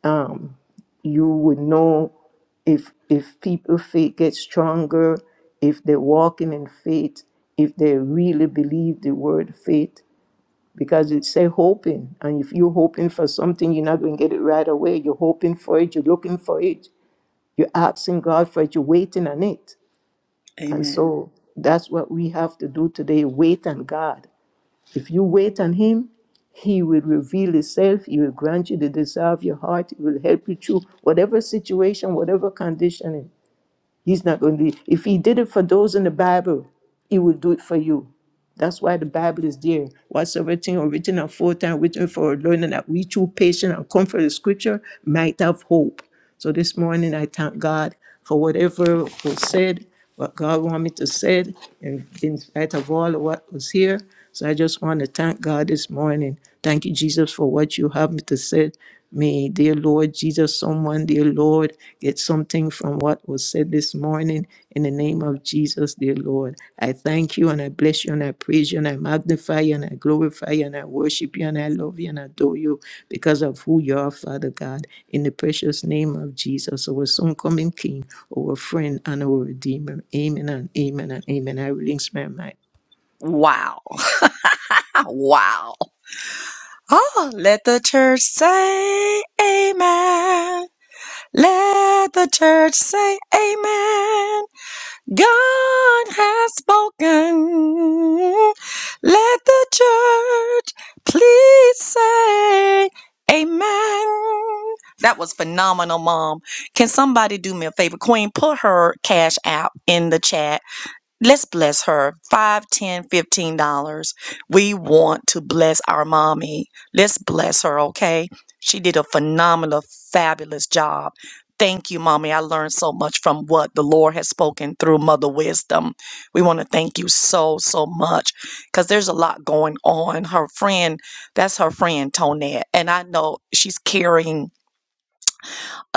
um, you would know if if people faith gets stronger if they're walking in faith if they really believe the word faith because it say hoping and if you're hoping for something you're not going to get it right away you're hoping for it you're looking for it you're asking God for it, you're waiting on it. And
Amen.
so that's what we have to do today wait on God. If you wait on Him, He will reveal Himself, He will grant you the desire of your heart, He will help you through whatever situation, whatever condition. He's not going to leave. If he did it for those in the Bible, he will do it for you. That's why the Bible is there. Whatsoever thing are written and foretime written for our learning that we through patience and comfort the scripture might have hope. So this morning I thank God for whatever was said, what God wanted me to say, and in spite of all of what was here. So I just want to thank God this morning. Thank you, Jesus, for what you have me to say. May, dear Lord Jesus, someone, dear Lord, get something from what was said this morning in the name of Jesus, dear Lord. I thank you and I bless you and I praise you and I magnify you and I glorify you and I worship you and I love you and adore you because of who you are, Father God, in the precious name of Jesus, our soon coming King, our friend and our Redeemer. Amen and amen and amen. I release my mind.
Wow. wow. Oh, let the church say amen. Let the church say amen. God has spoken. Let the church please say amen. That was phenomenal, Mom. Can somebody do me a favor? Queen, put her cash out in the chat let's bless her five ten fifteen dollars we want to bless our mommy let's bless her okay she did a phenomenal fabulous job thank you mommy i learned so much from what the lord has spoken through mother wisdom we want to thank you so so much because there's a lot going on her friend that's her friend tonette and i know she's carrying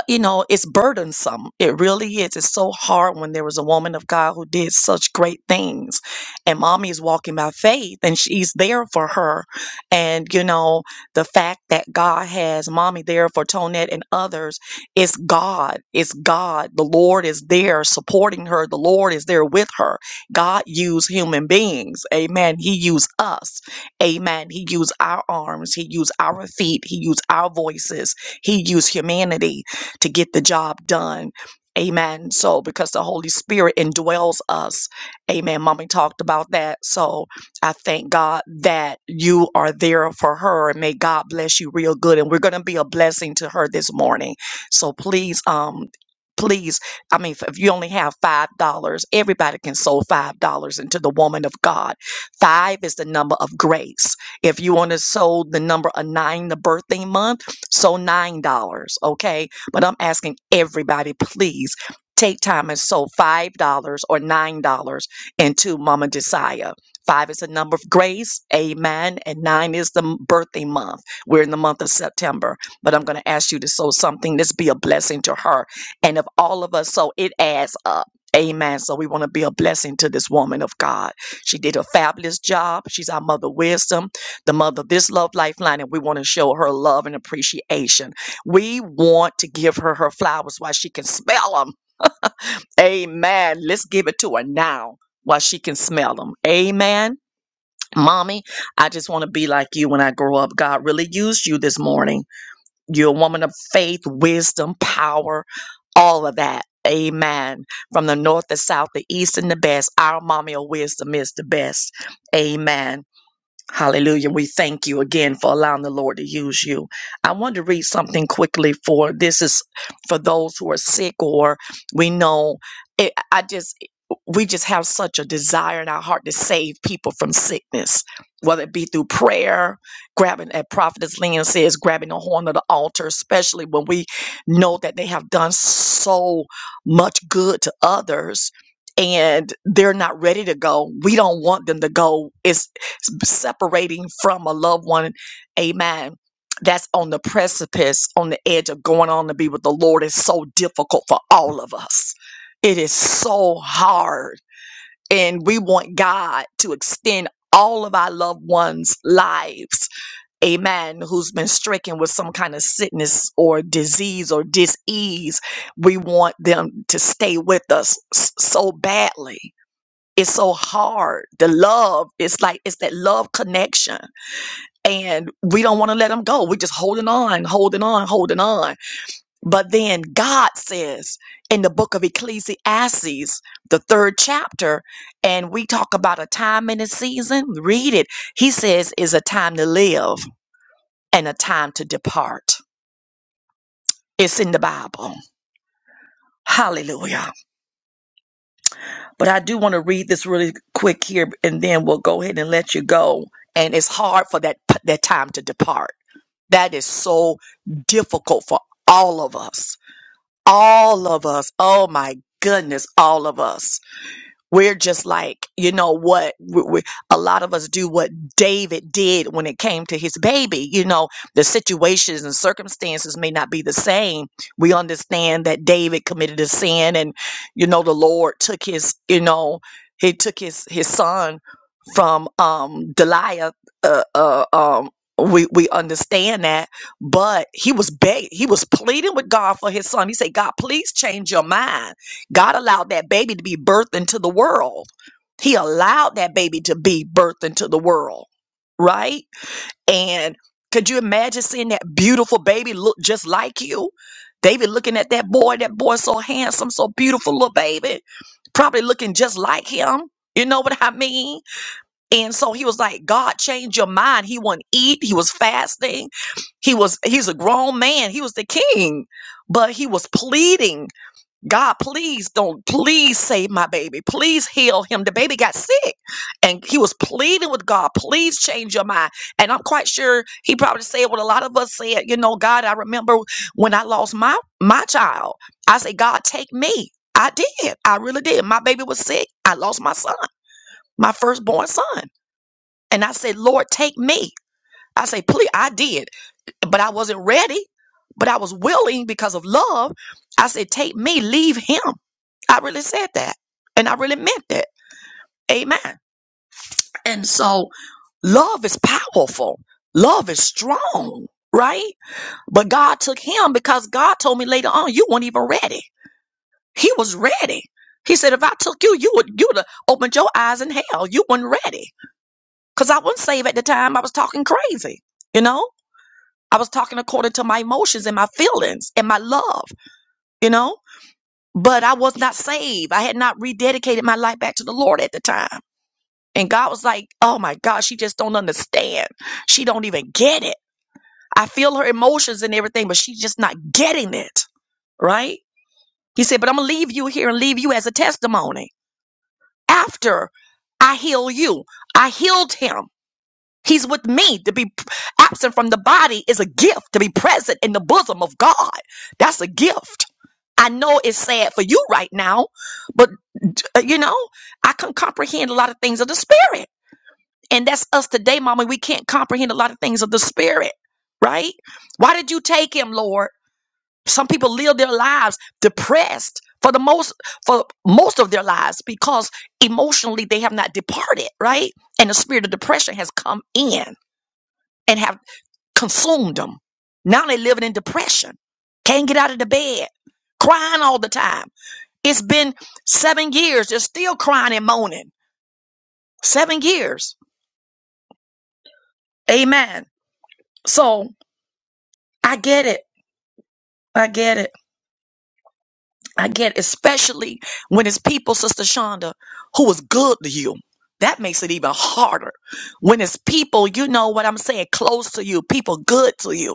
you know, it's burdensome. It really is. It's so hard when there was a woman of God who did such great things. And mommy is walking by faith and she's there for her. And, you know, the fact that God has mommy there for Tonette and others, it's God. It's God. The Lord is there supporting her. The Lord is there with her. God used human beings. Amen. He used us. Amen. He used our arms. He used our feet. He used our voices. He used humanity to get the job done. Amen. So, because the Holy Spirit indwells us. Amen. Mommy talked about that. So, I thank God that you are there for her and may God bless you real good. And we're going to be a blessing to her this morning. So, please, um, please, I mean, if if you only have $5, everybody can sow $5 into the woman of God. Five is the number of grace. If you want to sow the number of nine, the birthday month, so $9. Okay but I'm asking everybody, please take time and sow five dollars or nine dollars into Mama Desire. Five is the number of grace, amen, and nine is the m- birthday month. We're in the month of September, but I'm going to ask you to sow something. This be a blessing to her, and if all of us sow, it adds up. Amen. So we want to be a blessing to this woman of God. She did a fabulous job. She's our mother of wisdom, the mother of this love lifeline, and we want to show her love and appreciation. We want to give her her flowers while she can smell them. Amen. Let's give it to her now while she can smell them. Amen. Mommy, I just want to be like you when I grow up. God really used you this morning. You're a woman of faith, wisdom, power, all of that. Amen. From the north, the south, the east, and the best, our mommy of wisdom is the best. Amen. Hallelujah. We thank you again for allowing the Lord to use you. I want to read something quickly for this is for those who are sick or we know it, I just we just have such a desire in our heart to save people from sickness, whether it be through prayer, grabbing as prophetess Leon says, grabbing the horn of the altar, especially when we know that they have done so much good to others and they're not ready to go. We don't want them to go. It's separating from a loved one, amen, that's on the precipice, on the edge of going on to be with the Lord is so difficult for all of us. It is so hard. And we want God to extend all of our loved ones' lives, amen, who's been stricken with some kind of sickness or disease or dis ease. We want them to stay with us s- so badly it's so hard. The love, it's like it's that love connection, and we don't want to let them go. We're just holding on, holding on, holding on. But then God says in the book of Ecclesiastes, the third chapter, and we talk about a time in a season. Read it. He says is a time to live and a time to depart. It's in the Bible. Hallelujah. But I do want to read this really quick here, and then we'll go ahead and let you go. And it's hard for that that time to depart. That is so difficult for all of us. All of us. Oh my goodness, all of us. We're just like, you know what? We, we, a lot of us do what David did when it came to his baby. You know, the situations and circumstances may not be the same. We understand that David committed a sin and, you know, the Lord took his, you know, he took his, his son from um, Deliah. Uh, uh, um, we, we understand that, but he was begging, he was pleading with God for his son. He said, God, please change your mind God allowed that baby to be birthed into the world. He allowed that baby to be birthed into the world, right? And could you imagine seeing that beautiful baby look just like you? David looking at that boy, that boy so handsome, so beautiful little baby, probably looking just like him. You know what I mean? And so he was like, God changed your mind. He wouldn't eat. He was fasting. He was, he's a grown man. He was the king, but he was pleading God, please don't, please save my baby. Please heal him. The baby got sick and he was pleading with God, please change your mind. And I'm quite sure he probably said what a lot of us said, you know, God, I remember when I lost my my child. I said, God, take me. I did. I really did. My baby was sick. I lost my son, my firstborn son. And I said, Lord, take me. I say, please, I did, but I wasn't ready, but I was willing because of love. I said, take me, leave him. I really said that. And I really meant that. Amen. And so love is powerful. Love is strong, right? But God took him because God told me later on, you weren't even ready. He was ready. He said, if I took you, you would you would have opened your eyes in hell. You weren't ready. Because I wasn't saved at the time. I was talking crazy. You know? I was talking according to my emotions and my feelings and my love, you know? But I was not saved. I had not rededicated my life back to the Lord at the time. And God was like, "Oh my God, she just don't understand. She don't even get it. I feel her emotions and everything, but she's just not getting it, right?" He said, "But I'm gonna leave you here and leave you as a testimony. After I heal you, I healed him. He's with me. To be absent from the body is a gift. To be present in the bosom of God, that's a gift." I know it's sad for you right now, but uh, you know, I can comprehend a lot of things of the spirit. And that's us today, mama. We can't comprehend a lot of things of the spirit, right? Why did you take him, Lord? Some people live their lives depressed for the most for most of their lives because emotionally they have not departed, right? And the spirit of depression has come in and have consumed them. Now they're living in depression. Can't get out of the bed, crying all the time. It's been seven years. They're still crying and moaning. Seven years. Amen. So I get it I get it. I get it. Especially when it's people, Sister Shonda, who is good to you. That makes it even harder. When it's people, you know what I'm saying, close to you, people good to you.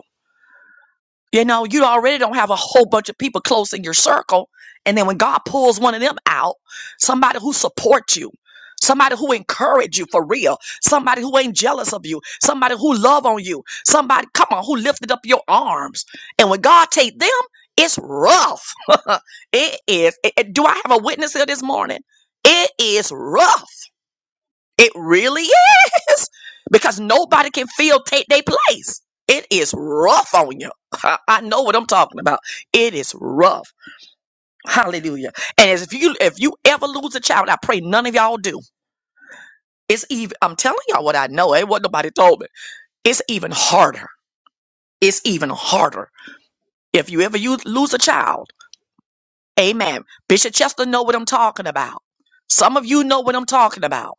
You know, you already don't have a whole bunch of people close in your circle. And then when God pulls one of them out, somebody who supports you, somebody who encourage you for real, somebody who ain't jealous of you, somebody who love on you, somebody, come on, who lifted up your arms. And when God take them, it's rough. it is. it- it- do I have a witness here this morning? It is rough. It really is because nobody can feel take their place. It is rough on you. I know what I'm talking about. It is rough. Hallelujah. And as if you if you ever lose a child, I pray none of y'all do. It's even I'm telling y'all what I know. Ain't what nobody told me. It's even harder. It's even harder. If you ever you lose a child, amen. Bishop Chester know what I'm talking about. Some of you know what I'm talking about.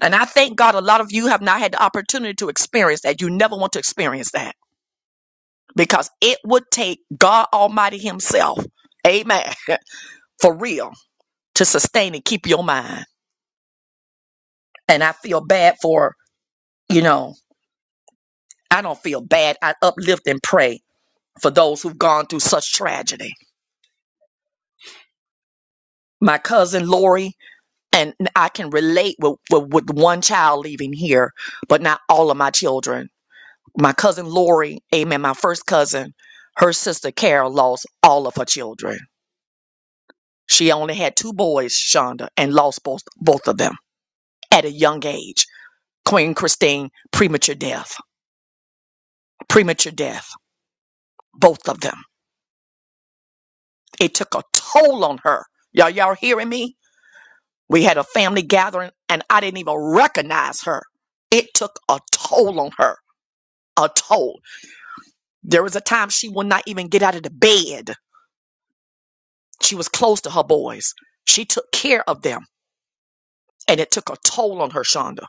And I thank God a lot of you have not had the opportunity to experience that. You never want to experience that because it would take God Almighty Himself, amen, for real, to sustain and keep your mind. And I feel bad for, you know, I don't feel bad. I uplift and pray for those who've gone through such tragedy. My cousin Lori, and I can relate with, with, with one child leaving here, but not all of my children My cousin Lori, amen, my first cousin, her sister Carol lost all of her children. She only had two boys, Shonda, and lost both, both of them at a young age. Queen Christine, premature death, premature death, both of them. It took a toll on her. Y'all, y'all hearing me? We had a family gathering and I didn't even recognize her. It took a toll on her, a toll. There was a time she would not even get out of the bed. She was close to her boys. She took care of them. and it took a toll on her, Shonda.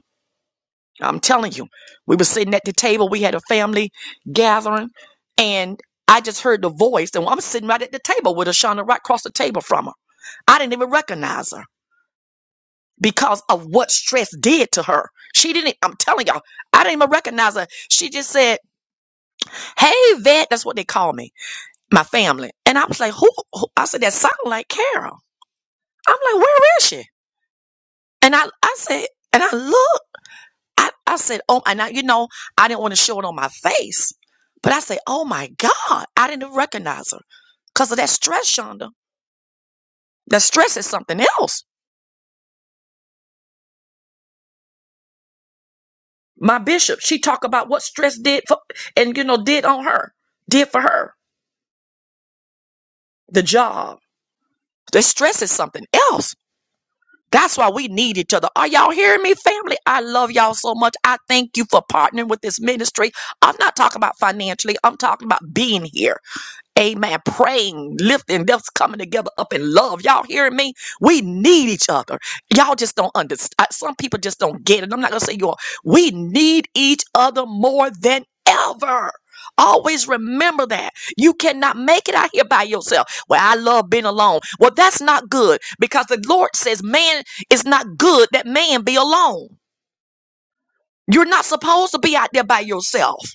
I'm telling you, we were sitting at the table, we had a family gathering, and I just heard the voice, and I'm sitting right at the table with her, Shonda, right across the table from her. I didn't even recognize her because of what stress did to her. She didn't, I'm telling y'all, I didn't even recognize her. She just said, Hey, vet, that's what they call me, my family. And I was like, Who? who? I said, That sounded like Carol. I'm like, Where is she? And I, I said, and I looked. I, I said, oh, and I, you know, I didn't want to show it on my face, but I said, oh my God, I didn't even recognize her because of that stress, Shonda. That stress is something else. My bishop, she talked about what stress did for, and you know, did on her, did for her, the job. The stress is something else. That's why we need each other. Are y'all hearing me, family? I love y'all so much. I thank you for partnering with this ministry. I'm not talking about financially. I'm talking about being here. Amen. Praying, lifting, that's coming together up in love. Y'all hearing me? We need each other. Y'all just don't understand. Some people just don't get it. I'm not going to say y'all. We need each other more than ever. Always remember that. You cannot make it out here by yourself. Well, I love being alone. Well, that's not good because the Lord says, man, it's not good that man be alone. You're not supposed to be out there by yourself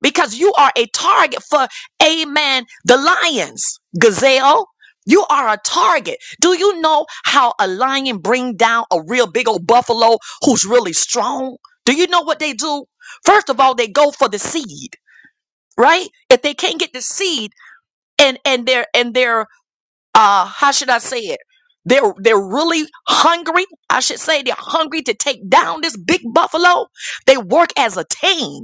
because you are a target for, amen, the lions, gazelle. You are a target. Do you know how a lion bring down a real big old buffalo who's really strong? Do you know what they do? First of all, they go for the seed, right? If they can't get the seed and and they're and they're uh how should I say it? They're they're really hungry. I should say they're hungry to take down this big buffalo. They work as a team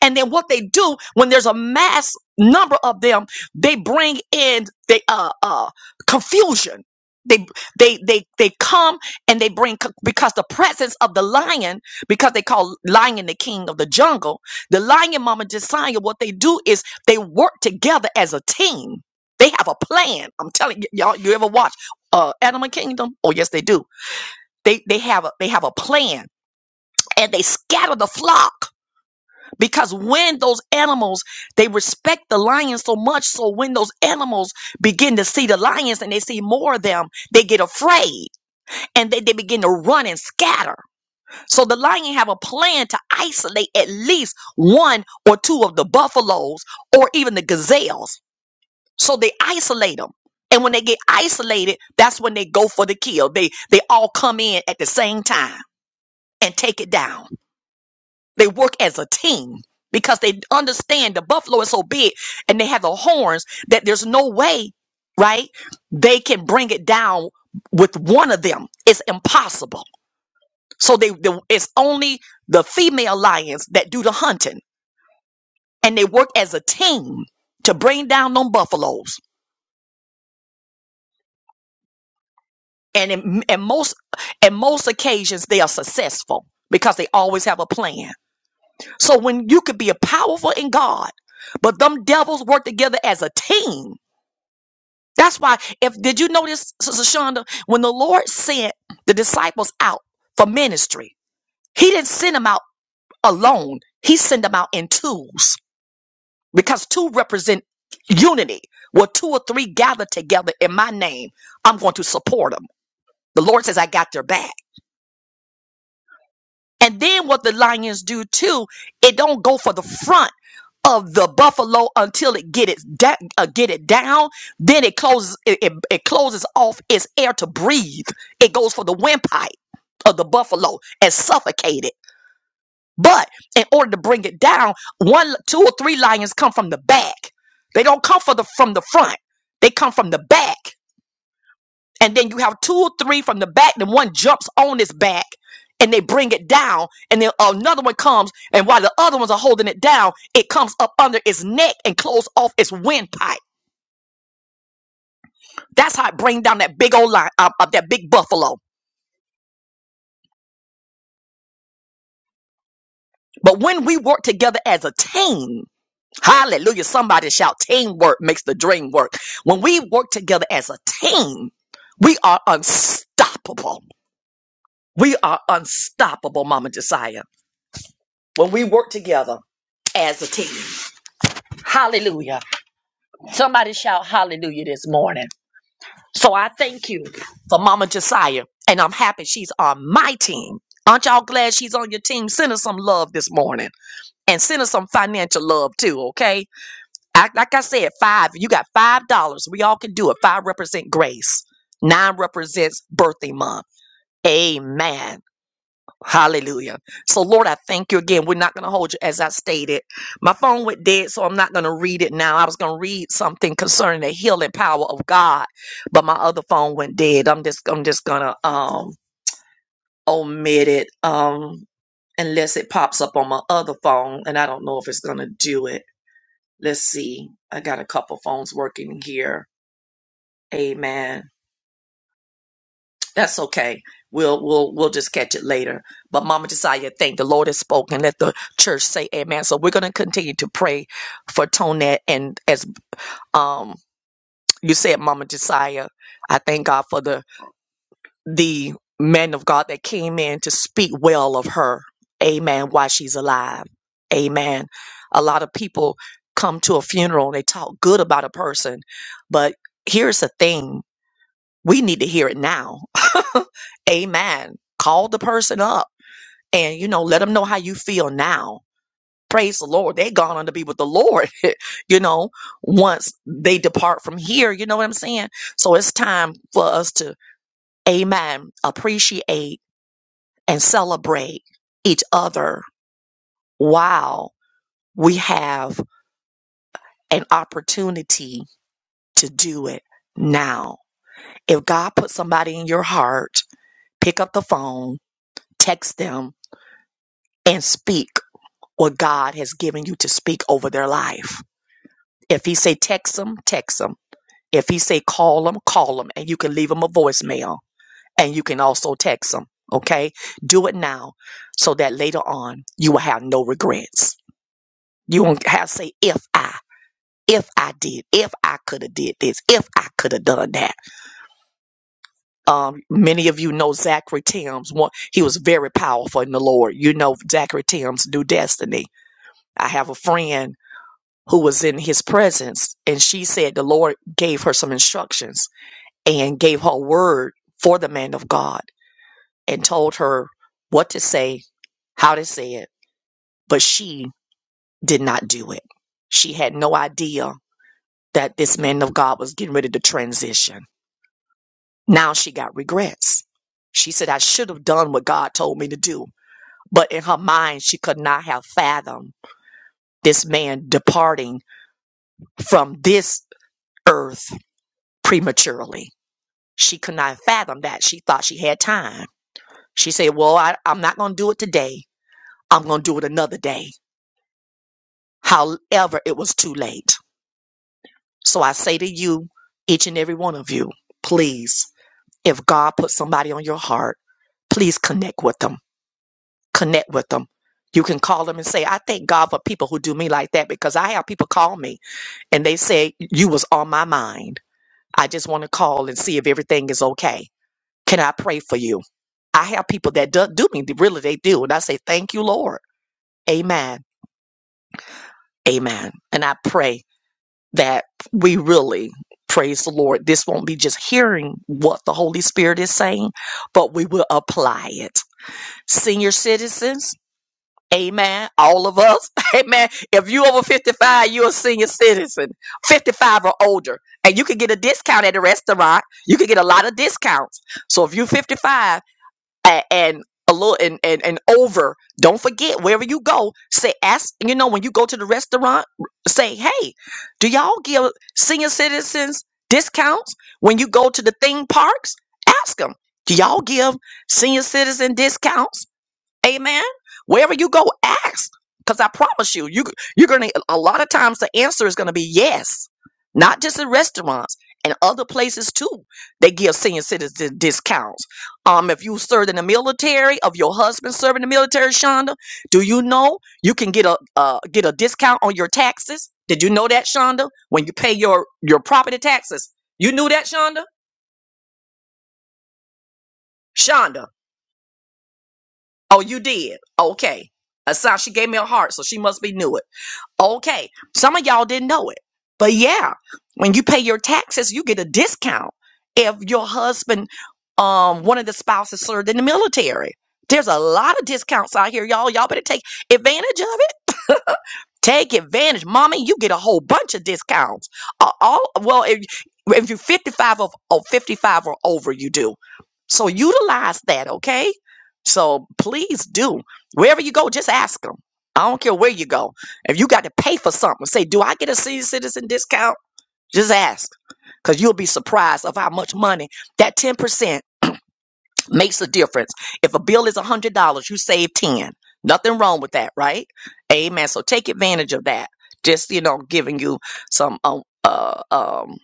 and then what they do when there's a mass number of them, they bring in the uh, uh, confusion. They they they they come and they bring co- because the presence of the lion because they call lion the king of the jungle. The lion, Mama Josiah, what they do is they work together as a team. They have a plan. I'm telling y- y'all. You ever watch uh, Animal Kingdom? Oh yes, they do. They they have a they have a plan and they scatter the flock because when those animals they respect the lions so much so when those animals begin to see the lions and they see more of them they get afraid and they, they begin to run and scatter so the lion have a plan to isolate at least one or two of the buffaloes or even the gazelles so they isolate them and when they get isolated that's when they go for the kill they they all come in at the same time and take it down they work as a team because they understand the buffalo is so big and they have the horns that there's no way, right? They can bring it down with one of them. It's impossible. So they, the it's only the female lions that do the hunting and they work as a team to bring down them buffaloes. And in, in most in most occasions they are successful because they always have a plan So when you could be a powerful in God, but them devils work together as a team. That's why if did you notice, Sister Shonda, when the Lord sent the disciples out for ministry, he didn't send them out alone. He sent them out in twos because two represent unity. Where two or three gather together in my name, I'm going to support them. The Lord says, I got their back. And then what the lions do too, it don't go for the front of the buffalo until it get it da- uh, get it down. Then it closes it, it, it closes off its air to breathe. It goes for the windpipe of the buffalo and suffocate it. But in order to bring it down, one, two, or three lions come from the back. They don't come for the from the front. They come from the back and then you have two or three from the back, then one jumps on his back and they bring it down, and then another one comes, and while the other ones are holding it down, it comes up under its neck and close off its windpipe. That's how it brings down that big old line, uh, uh, that big buffalo. But when we work together as a team, hallelujah, somebody shout, teamwork makes the dream work. When we work together as a team, we are unstoppable. We are unstoppable, Mama Josiah, when we work together as a team. Hallelujah. Somebody shout hallelujah this morning. So I thank you for Mama Josiah, and I'm happy she's on my team. Aren't y'all glad she's on your team? Send her some love this morning and send her some financial love too, okay? I, like I said, five, you got five dollars. We all can do it. Five represent grace, nine represents birthday month. Amen. Hallelujah. So, Lord, I thank you again. We're not going to hold you as I stated. My phone went dead, so I'm not going to read it now. I was going to read something concerning the healing power of God, but my other phone went dead. I'm just, I'm just going to um, omit it um, unless it pops up on my other phone, and I don't know if it's going to do it. Let's see. I got a couple phones working here. Amen. That's okay. We'll we'll we'll just catch it later. But Mama Josiah, thank the Lord has spoken. Let the church say amen. So we're gonna continue to pray for Tonette and as um you said, Mama Josiah, I thank God for the the man of God that came in to speak well of her. Amen. While she's alive. Amen. A lot of people come to a funeral and they talk good about a person, but here's the thing we need to hear it now. Amen. Call the person up and, you know, let them know how you feel now. Praise the Lord. They gone on to be with the Lord, you know, once they depart from here. You know what I'm saying? So it's time for us to, amen, appreciate and celebrate each other while we have an opportunity to do it now. If God put somebody in your heart, pick up the phone, text them, and speak what God has given you to speak over their life. If he say text them, text them. If he say call them, call them, and you can leave them a voicemail, and you can also text them. Okay, do it now, so that later on you will have no regrets. You won't have to say if I, if I did, if I could have did this, if I could have done that. Um, many of you know Zachary Timms. One, he was very powerful in the Lord. You know Zachary Timms, New Destiny. I have a friend who was in his presence. And she said the Lord gave her some instructions and gave her word for the man of God and told her what to say, how to say it. But she did not do it. She had no idea that this man of God was getting ready to transition. Now she got regrets. She said, I should have done what God told me to do. But in her mind, she could not have fathomed this man departing from this earth prematurely She could not fathom that. She thought she had time. She said, Well, I, I'm not going to do it today. I'm going to do it another day. However, it was too late. So I say to you, each and every one of you, please, if God put somebody on your heart, please connect with them. Connect with them. You can call them and say, I thank God for people who do me like that because I have people call me and they say, You was on my mind. I just want to call and see if everything is okay. Can I pray for you? I have people that do, do me, really they do. And I say, thank you, Lord. Amen. Amen. And I pray that we really praise the Lord. This won't be just hearing what the Holy Spirit is saying, but we will apply it. Senior citizens, amen. All of us, amen. If you over 55, you're a senior citizen, 55 or older. And you can get a discount at the restaurant. You can get a lot of discounts. So if you're 55, a- and a little and, and and over don't forget wherever you go say ask you know when you go to the restaurant say hey do y'all give senior citizens discounts when you go to the theme parks ask them do y'all give senior citizen discounts Amen. Wherever you go, ask. Because I promise you, you you're gonna a lot of times the answer is gonna be yes. Not just in restaurants and other places too. They give senior citizens discounts. Um, if you served in the military, of your husband serving in the military, Shonda, do you know you can get a uh, get a discount on your taxes? Did you know that, Shonda? When you pay your your property taxes, you knew that, Shonda. Shonda, oh, you did. Okay, Asana, she gave me a heart, so she must be new Okay, some of y'all didn't know it. But yeah, when you pay your taxes, you get a discount if your husband, um, one of the spouses served in the military. There's a lot of discounts out here, y'all. Y'all better take advantage of it. Take advantage, mommy. You get a whole bunch of discounts. Uh, all well, if, if you're 55 of or 55 or over, you do. So utilize that, okay? So please do. Wherever you go, just ask them. I don't care where you go. If you got to pay for something, say, "Do I get a senior citizen discount?" Just ask, cause you'll be surprised of how much money that 10% makes a difference. If a bill is $100, you save 10. Nothing wrong with that, right? Amen. So take advantage of that. Just, you know, giving you some um, uh, um,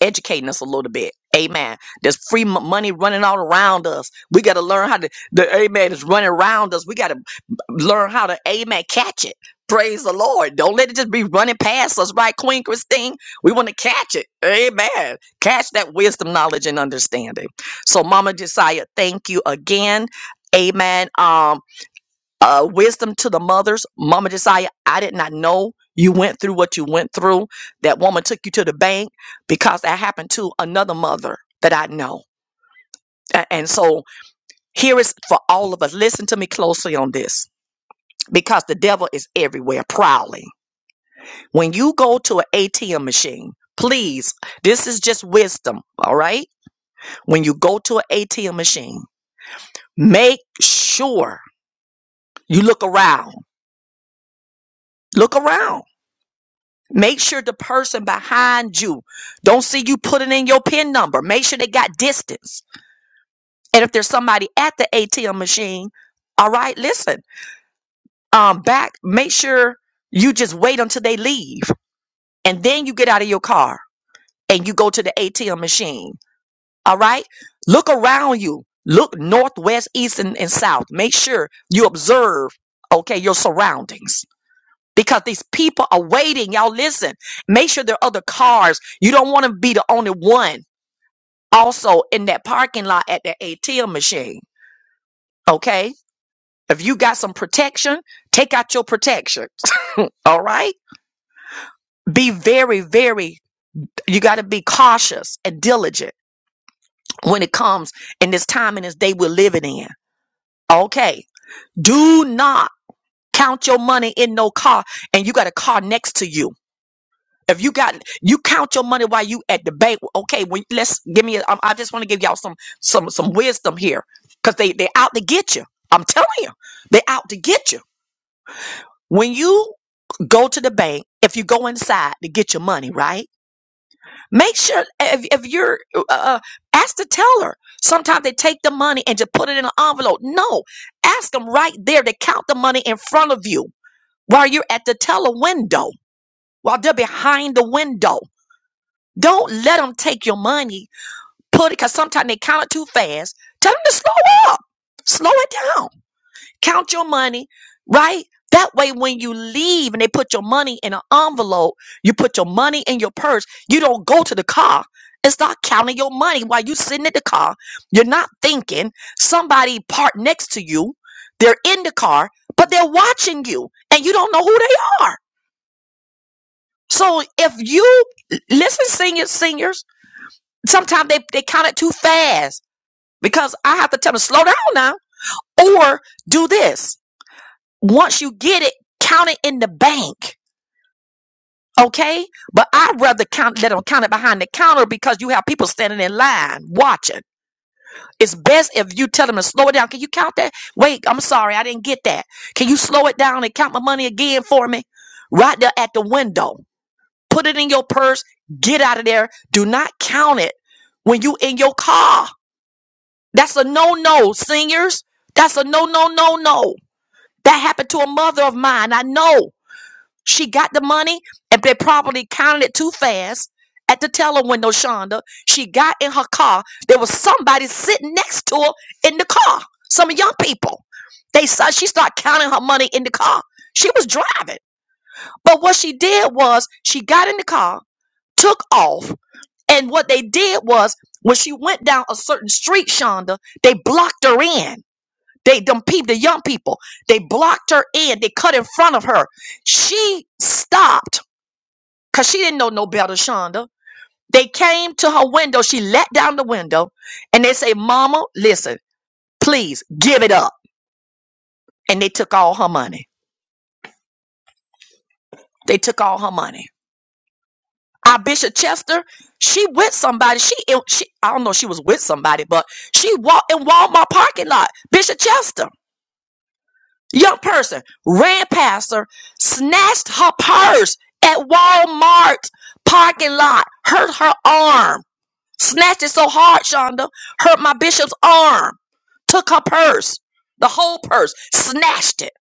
educating us a little bit. Amen. There's free m- money running all around us. We got to learn how to, the amen is running around us. We got to learn how to, amen, catch it. Praise the Lord. Don't let it just be running past us, right, Queen Christine? We want to catch it. Amen. Catch that wisdom, knowledge, and understanding. So, Mama Josiah, thank you again. Amen. Um uh, wisdom to the mothers. Mama Josiah, I did not know you went through what you went through. That woman took you to the bank because that happened to another mother that I know. A- And so here is for all of us. Listen to me closely on this because the devil is everywhere prowling. When you go to an ATM machine, please, this is just wisdom, all right? When you go to an ATM machine, make sure you look around. Look around Make sure the person behind you don't see you putting in your PIN number. Make sure they got distance. And if there's somebody at the ATM machine, all right, listen, um, back, make sure you just wait until they leave. And then you get out of your car and you go to the ATM machine. All right. Look around you. Look north, west, east, and, and south. Make sure you observe, okay, your surroundings because these people are waiting. Y'all listen. Make sure there are other cars. You don't want to be the only one also in that parking lot at that ATM machine. Okay. If you got some protection, take out your protection. All right. Be very, very, you got to be cautious and diligent when it comes in this time and this day we're living in. Okay. Do not count your money in no car and you got a car next to you If you got you count your money while you at the bank, okay. When let's give me, a, I, I just want to give y'all some some some wisdom here, because they they out to get you. I'm telling you, they out to get you. When you go to the bank, if you go inside to get your money, right? Make sure if, if you're uh, uh, ask the teller. Sometimes they take the money and just put it in an envelope. No, ask them right there to count the money in front of you while you're at the teller window, while they're behind the window Don't let them take your money. Put it because sometimes they count it too fast. Tell them to slow up, slow it down. Count your money, right? That way, when you leave and they put your money in an envelope, you put your money in your purse. You don't go to the car and start counting your money while you are sitting at the car. You're not thinking somebody parked next to you. They're in the car, but they're watching you, and you don't know who they are. So if you listen, seniors, seniors sometimes they, they count it too fast because I have to tell them slow down now or do this. Once you get it, count it in the bank. Okay. But I'd rather count, let them count it behind the counter because you have people standing in line watching. It's best if you tell them to slow it down. Can you count that? Wait, I'm sorry. I didn't get that. Can you slow it down and count my money again for me? Right there at the window. Put it in your purse. Get out of there. Do not count it when you in your car That's a no no, seniors. That's a no no no no. That happened to a mother of mine. I know she got the money and they probably counted it too fast at the teller window, Shonda. She got in her car. There was somebody sitting next to her in the car. Some young people. They saw she started counting her money in the car. She was driving. But what she did was she got in the car, took off, and what they did was when she went down a certain street, Shonda, they blocked her in they them people, the young people, they blocked her in, they cut in front of her. She stopped because she didn't know no better, Shonda. They came to her window, she let down the window, and they say, Mama, listen, please give it up. And they took all her money. They took all her money. Our Bishop Chester, she with somebody. She, she I don't know if she was with somebody, but she walked in Walmart parking lot. Bishop Chester. Young person ran past her, snatched her purse at Walmart parking lot, hurt her arm, snatched it so hard, Shonda, hurt my bishop's arm, took her purse, the whole purse, snatched it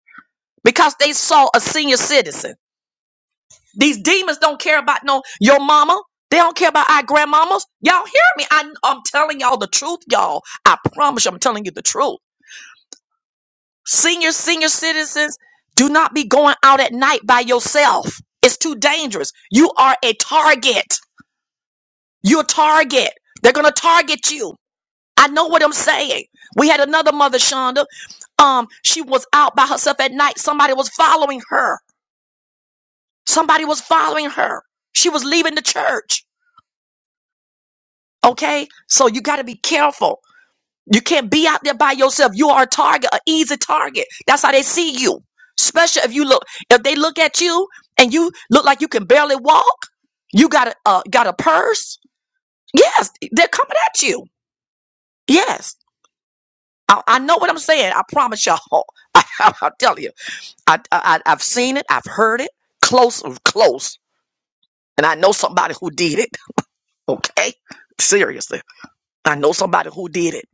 because they saw a senior citizen. These demons don't care about no your mama. They don't care about our grandmamas. Y'all hear me? I, I'm telling y'all the truth, y'all. I promise you, I'm telling you the truth. Senior, senior citizens, do not be going out at night by yourself. It's too dangerous. You are a target. You're a target. They're gonna target you. I know what I'm saying. We had another mother, Shonda. Um, she was out by herself at night. Somebody was following her. Somebody was following her. She was leaving the church. Okay, so you got to be careful. You can't be out there by yourself. You are a target, an easy target. That's how they see you. Especially if you look, if they look at you and you look like you can barely walk, you got a uh, got a purse. Yes, they're coming at you. Yes, I, I know what I'm saying. I promise y'all. I, I, will tell you. I, I I- I've seen it. I've heard it close close, and I know somebody who did it. Okay, seriously, I know somebody who did it.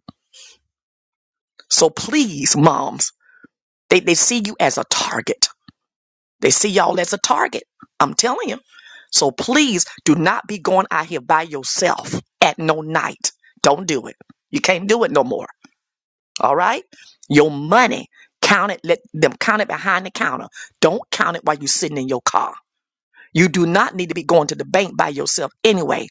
So please, moms, they they see you as a target They see y'all as a target. I'm telling you. So please do not be going out here by yourself at no night. Don't do it. You can't do it no more. All right? Your money, count it, let them count it behind the counter. Don't count it while you're sitting in your car. You do not need to be going to the bank by yourself anyway.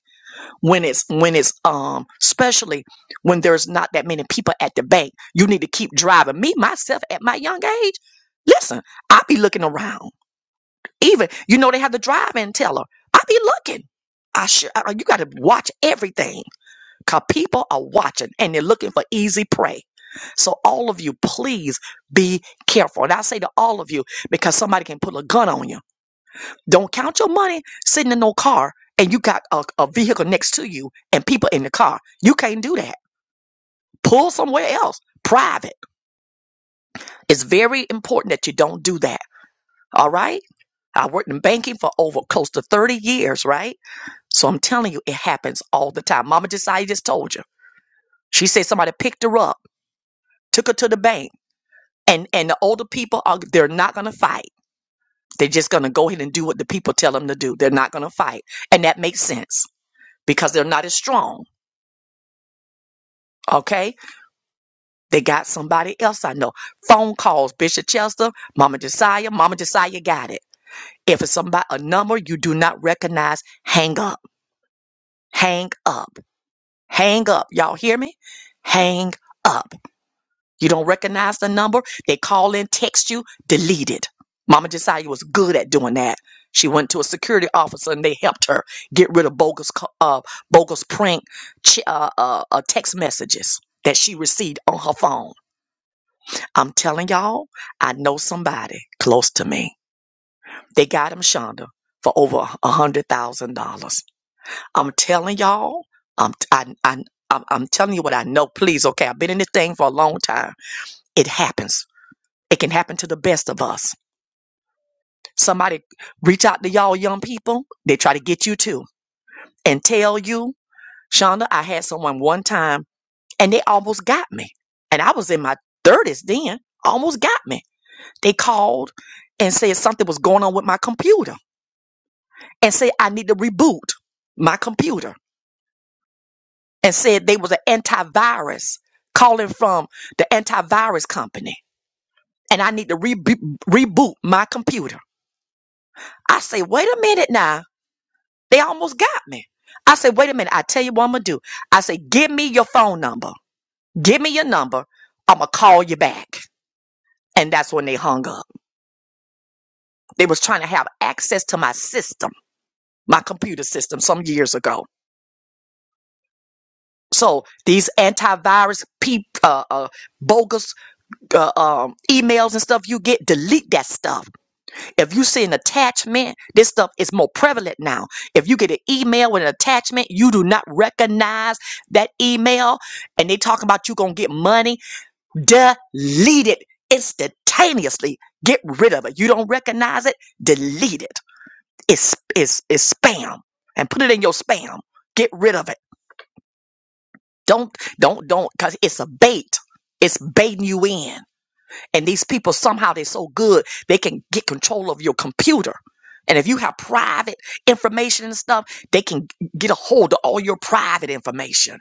When it's when it's um especially when there's not that many people at the bank. You need to keep driving. Me myself at my young age, listen, I be looking around. Even you know they have the drive-in teller. I be looking. I sure I, you got to watch everything because people are watching and they're looking for easy prey. So all of you, please be careful. And I say to all of you because somebody can put a gun on you. Don't count your money sitting in no car and you got a, a vehicle next to you and people in the car. You can't do that. Pull somewhere else. Private. It's very important that you don't do that. All right. I worked in banking for over close to 30 years, right? So I'm telling you, it happens all the time. Mama Desai just told you. She said somebody picked her up, took her to the bank, and and the older people are they're not gonna fight. They're just gonna go ahead and do what the people tell them to do. They're not gonna fight, and that makes sense because they're not as strong. Okay, they got somebody else I know. Phone calls, Bishop Chester, Mama Desire, Mama Desire got it. If it's somebody a number you do not recognize, hang up, hang up, hang up. Y'all hear me? Hang up You don't recognize the number. They call in, text you, delete it. Mama Josiah was good at doing that. She went to a security officer and they helped her get rid of bogus, ca- uh, bogus prank ch- uh, uh, uh, text messages that she received on her phone. I'm telling y'all, I know somebody close to me. They got him, Shonda, for over a hundred thousand dollars. I'm telling y'all, I'm, I, I, I'm, I'm telling you what I know. Please, okay, I've been in this thing for a long time. It happens It can happen to the best of us. Somebody reach out to y'all young people. They try to get you too and tell you, Shonda, I had someone one time and they almost got me. And I was in my 30s then, almost got me. They called and said something was going on with my computer and said I need to reboot my computer and said they was an antivirus calling from the antivirus company and I need to re- reboot my computer. I say, wait a minute now They almost got me. I said, wait a minute. I tell you what I'm going to do. I said, give me your phone number. Give me your number. I'm going to call you back. And that's when they hung up. They was trying to have access to my system, my computer system some years ago. So these antivirus peep, uh, uh, bogus uh, um, emails and stuff you get, delete that stuff. If you see an attachment, this stuff is more prevalent now. If you get an email with an attachment, you do not recognize that email, and they talking about you gonna get money. Delete it instantaneously. Get rid of it. You don't recognize it. Delete it. It's it's it's spam, and put it in your spam. Get rid of it. Don't don't don't, cause it's a bait. It's baiting you in. And these people somehow they're so good they can get control of your computer. And if you have private information and stuff, they can get a hold of all your private information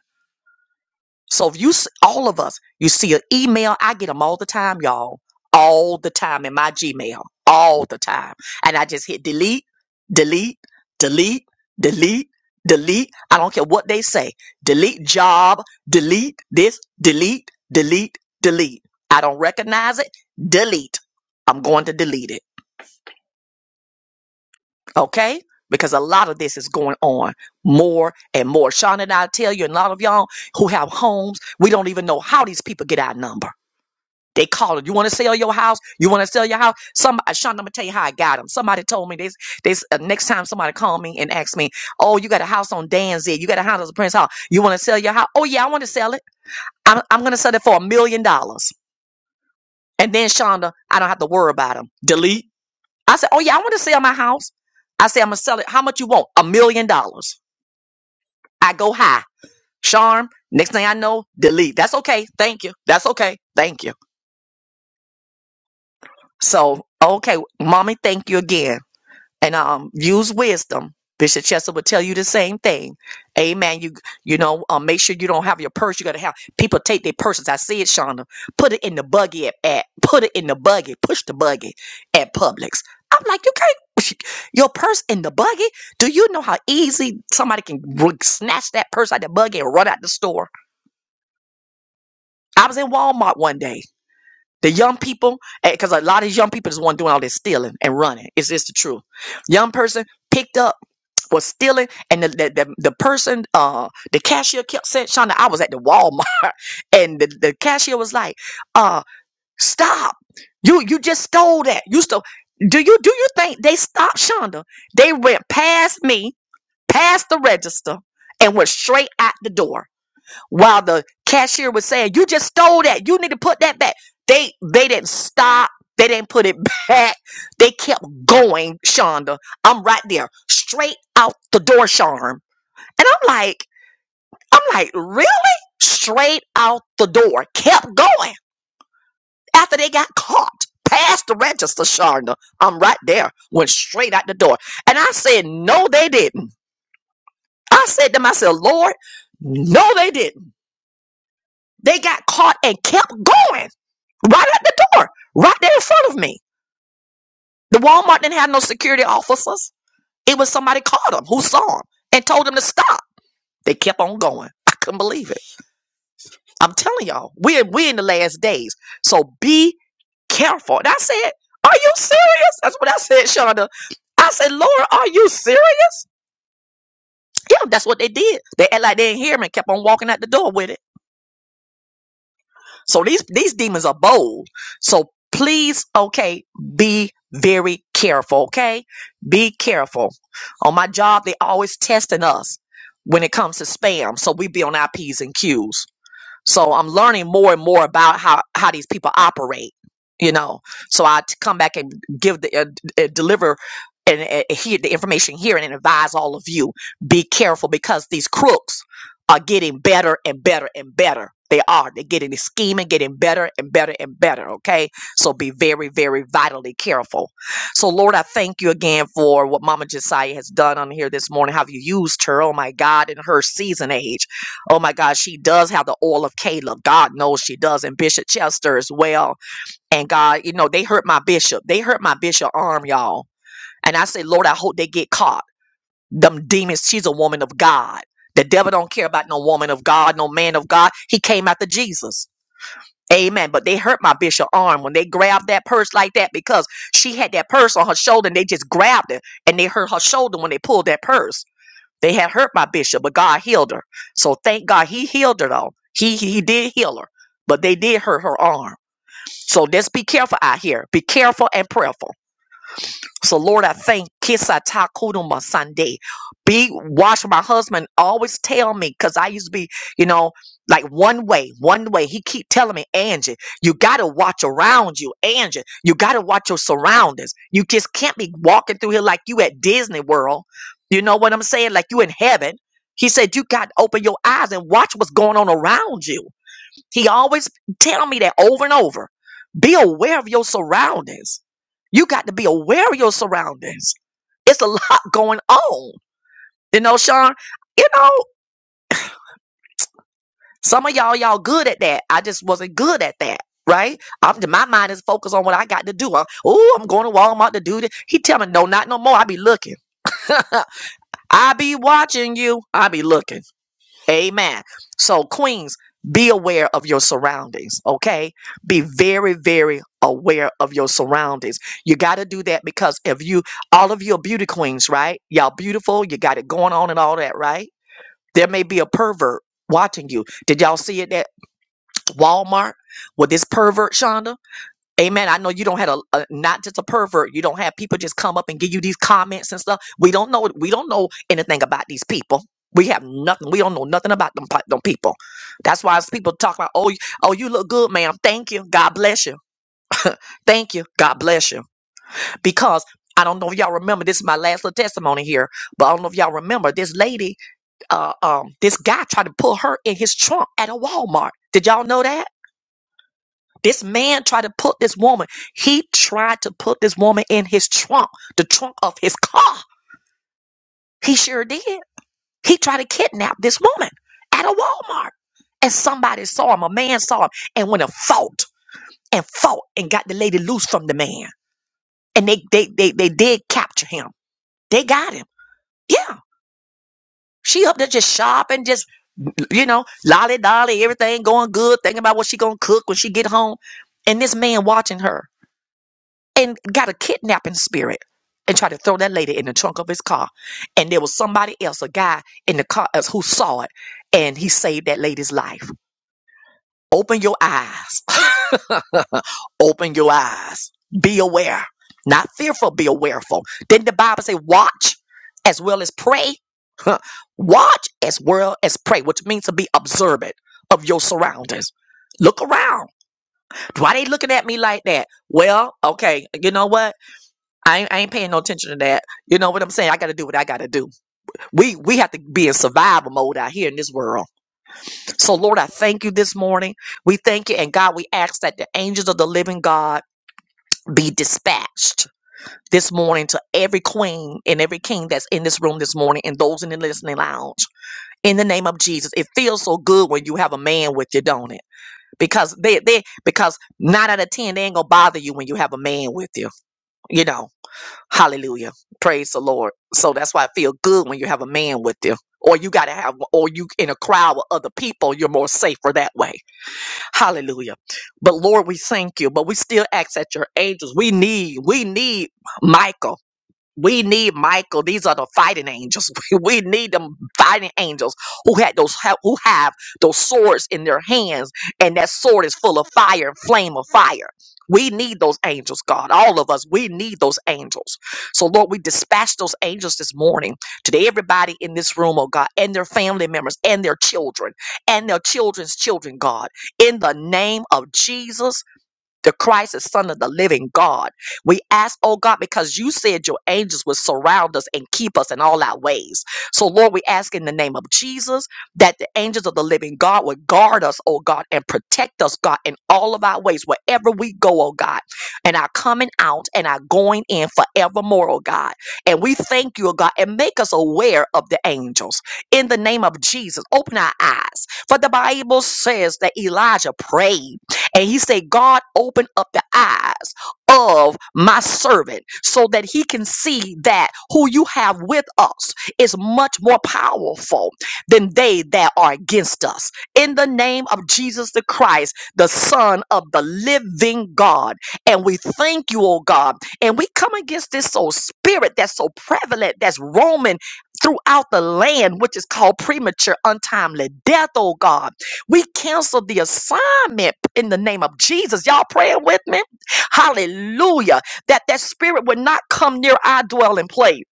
so if you, s- all of us, you see an email, I get them all the time, y'all, all the time in my Gmail, all the time. And I just hit delete, delete, delete, delete, delete. I don't care what they say. Delete job, delete this, delete, delete, delete. I don't recognize it. Delete. I'm going to delete it okay? Because a lot of this is going on more and more. Sean and I tell you, and a lot of y'all who have homes, we don't even know how these people get our number. They call it. You want to sell your house? You want to sell your house? Some uh, Sean, I'm gonna tell you how I got them. Somebody told me this. This uh, next time somebody call me and ask me, "Oh, you got a house on Danzig? You got a house on Prince Hall? You want to sell your house? Oh yeah, I want to sell it. I'm, I'm gonna sell it for a million dollars." And then Shonda, I don't have to worry about them. Delete. I said, Oh yeah, I want to sell my house. I said, I'm gonna sell it. How much you want? A million dollars. I go high. Charm. Next thing I know, delete. That's okay. Thank you. That's okay. Thank you. So, okay, mommy, thank you again. and um, use wisdom. Bishop Chester would tell you the same thing. Amen. You you know, um, make sure you don't have your purse. You gotta have people take their purses. I see it, Shonda. Put it in the buggy at, at put it in the buggy. Push the buggy at Publix. I'm like, you can't your purse in the buggy. Do you know how easy somebody can r- snatch that purse out the buggy and run out the store? I was in Walmart one day the young people, because a lot of these young people is the one doing all this stealing and running. It's just the truth. Young person picked up was stealing, and the the, the, the person, uh, the cashier kept saying, "Shonda, I was at the Walmart, and the, the cashier was like, uh, stop! You you just stole that. You stole. Do you do you think they stopped Shonda? They went past me, past the register, and went straight out the door while the cashier was saying, "You just stole that. You need to put that back." They they didn't stop. They didn't put it back. They kept going, Shonda. I'm right there, straight out the door, Charm. And I'm like, I'm like, really? Straight out the door, kept going after they got caught. Past the register, Shonda. I'm right there. Went straight out the door. And I said, No, they didn't. I said to myself, Lord, no, they didn't. They got caught and kept going right at the door, right there in front of me. The Walmart didn't have no security officers. It was somebody called them who saw them and told them to stop. They kept on going. I couldn't believe it. I'm telling y'all, we're we are in the last days. So be careful. And I said, Are you serious? That's what I said, Shonda. I said, Laura, are you serious? Yeah, that's what they did. They act like they didn't hear me and kept on walking out the door with it. So these these demons are bold. So please, okay, be very careful, okay? Be careful. On my job, they always testing us when it comes to spam. So we be on our P's and Q's. So I'm learning more and more about how how these people operate, you know. So I t- come back and give the uh, d- uh, deliver and uh, hear the information here and advise all of you be careful because these crooks are getting better and better and better. They are. They're getting the scheme and getting better and better and better. Okay. So be very, very vitally careful. So, Lord, I thank you again for what Mama Josiah has done on here this morning, how you used her, oh my God, in her season age. Oh my God, she does have the oil of Caleb. God knows she does, and Bishop Chester as well. And God, you know, they hurt my bishop. They hurt my bishop arm, y'all. And I say, Lord, I hope they get caught. Them demons, she's a woman of God. The devil don't care about no woman of God, no man of God. He came after Jesus. Amen. But they hurt my bishop arm when they grabbed that purse like that because she had that purse on her shoulder and they just grabbed it and they hurt her shoulder when they pulled that purse. They had hurt my bishop, but God healed her. So thank God he healed her though. He he did heal her, but they did hurt her arm. So just be careful out here. Be careful and prayerful. So Lord, I thank Kisa Takuduma Sunday. Be wash my husband always tell me because I used to be, you know, like one way, one way. He keep telling me, Angie, you gotta watch around you, Angie. You gotta watch your surroundings. You just can't be walking through here like you at Disney World. You know what I'm saying? Like you in heaven. He said, You got to open your eyes and watch what's going on around you. He always tell me that over and over. Be aware of your surroundings. You got to be aware of your surroundings. It's a lot going on. You know, Sean, you know, some of y'all, y'all good at that. I just wasn't good at that. Right? I'm, my mind is focused on what I got to do. oh, I'm going to Walmart to do this. He tell me, no, not no more. I be looking. I be watching you. I be looking. Amen. So, Queens, be aware of your surroundings, okay? Be very, very aware of your surroundings. You got to do that because if you, all of you are beauty queens, right? Y'all beautiful, you got it going on and all that, right? There may be a pervert watching you. Did y'all see it at Walmart with this pervert, Shonda? Amen. I know you don't have a, a not just a pervert. You don't have people just come up and give you these comments and stuff. We don't know. We don't know anything about these people. We have nothing. We don't know nothing about them, pe- them people. That's why it's people talk about, oh, you- oh, you look good, ma'am. Thank you. God bless you. Thank you. God bless you. Because I don't know if y'all remember. This is my last little testimony here, but I don't know if y'all remember. This lady, uh, um, this guy tried to pull her in his trunk at a Walmart. Did y'all know that? This man tried to put this woman, he tried to put this woman in his trunk, the trunk of his car. He sure did. He tried to kidnap this woman at a Walmart. And somebody saw him, a man saw him, and went and fought and fought and got the lady loose from the man. And they they they, they did capture him. They got him. Yeah. She up there just shopping, just you know, lolly dolly, everything going good, thinking about what she gonna cook when she get home. And this man watching her and got a kidnapping spirit and tried to throw that lady in the trunk of his car. And there was somebody else, a guy in the car else who saw it and he saved that lady's life. Open your eyes. Open your eyes. Be aware. Not fearful, be awareful. Didn't the Bible say watch as well as pray? Huh. Watch as well as pray, which means to be observant of your surroundings. Look around. Why they looking at me like that? Well, okay, you know what? I ain't, I ain't paying no attention to that. You know what I'm saying? I got to do what I got to do. We we have to be in survival mode out here in this world. So Lord, I thank you this morning. We thank you, and God, we ask that the angels of the living God be dispatched this morning to every queen and every king that's in this room this morning, and those in the listening lounge. In the name of Jesus, it feels so good when you have a man with you, don't it? Because they they because nine out of ten they ain't gonna bother you when you have a man with you. You know. Hallelujah. Praise the Lord. So that's why I feel good when you have a man with you. Or you got to have, or you in a crowd with other people, you're more safer that way. Hallelujah. But Lord, we thank you. But we still ask that your angels, we need, we need Michael. We need Michael. These are the fighting angels. We we need them fighting angels who had those ha- who have those swords in their hands, and that sword is full of fire and flame of fire. We need those angels, God. All of us, we need those angels. So, Lord, we dispatch those angels this morning to everybody in this room, oh God, and their family members and their children and their children's children, God, in the name of Jesus the Christ is Son of the living God. We ask, oh God, because you said your angels would surround us and keep us in all our ways. So, Lord, we ask in the name of Jesus that the angels of the living God would guard us, oh God, and protect us, God, in all of our ways, wherever we go, oh God, and our coming out and our going in forevermore, oh God. And we thank you, oh God, and make us aware of the angels. In the name of Jesus, open our eyes. For the Bible says that Elijah prayed. And he said, God, open up the eyes of my servant so that he can see that who you have with us is much more powerful than they that are against us. In the name of Jesus the Christ, the Son of the living God. And we thank you, oh God. And we come against this so spirit that's so prevalent, that's roaming throughout the land, which is called premature, untimely death, oh God we cancel the assignment in the name of Jesus. Y'all praying with me? Hallelujah. That that spirit would not come near our dwelling place.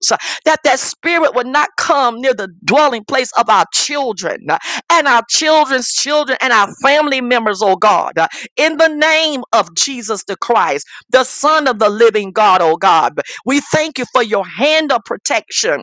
That that spirit would not come near the dwelling place of our children and our children's children and our family members, oh God. In the name of Jesus the Christ, the Son of the living God, oh God. We thank you for your hand of protection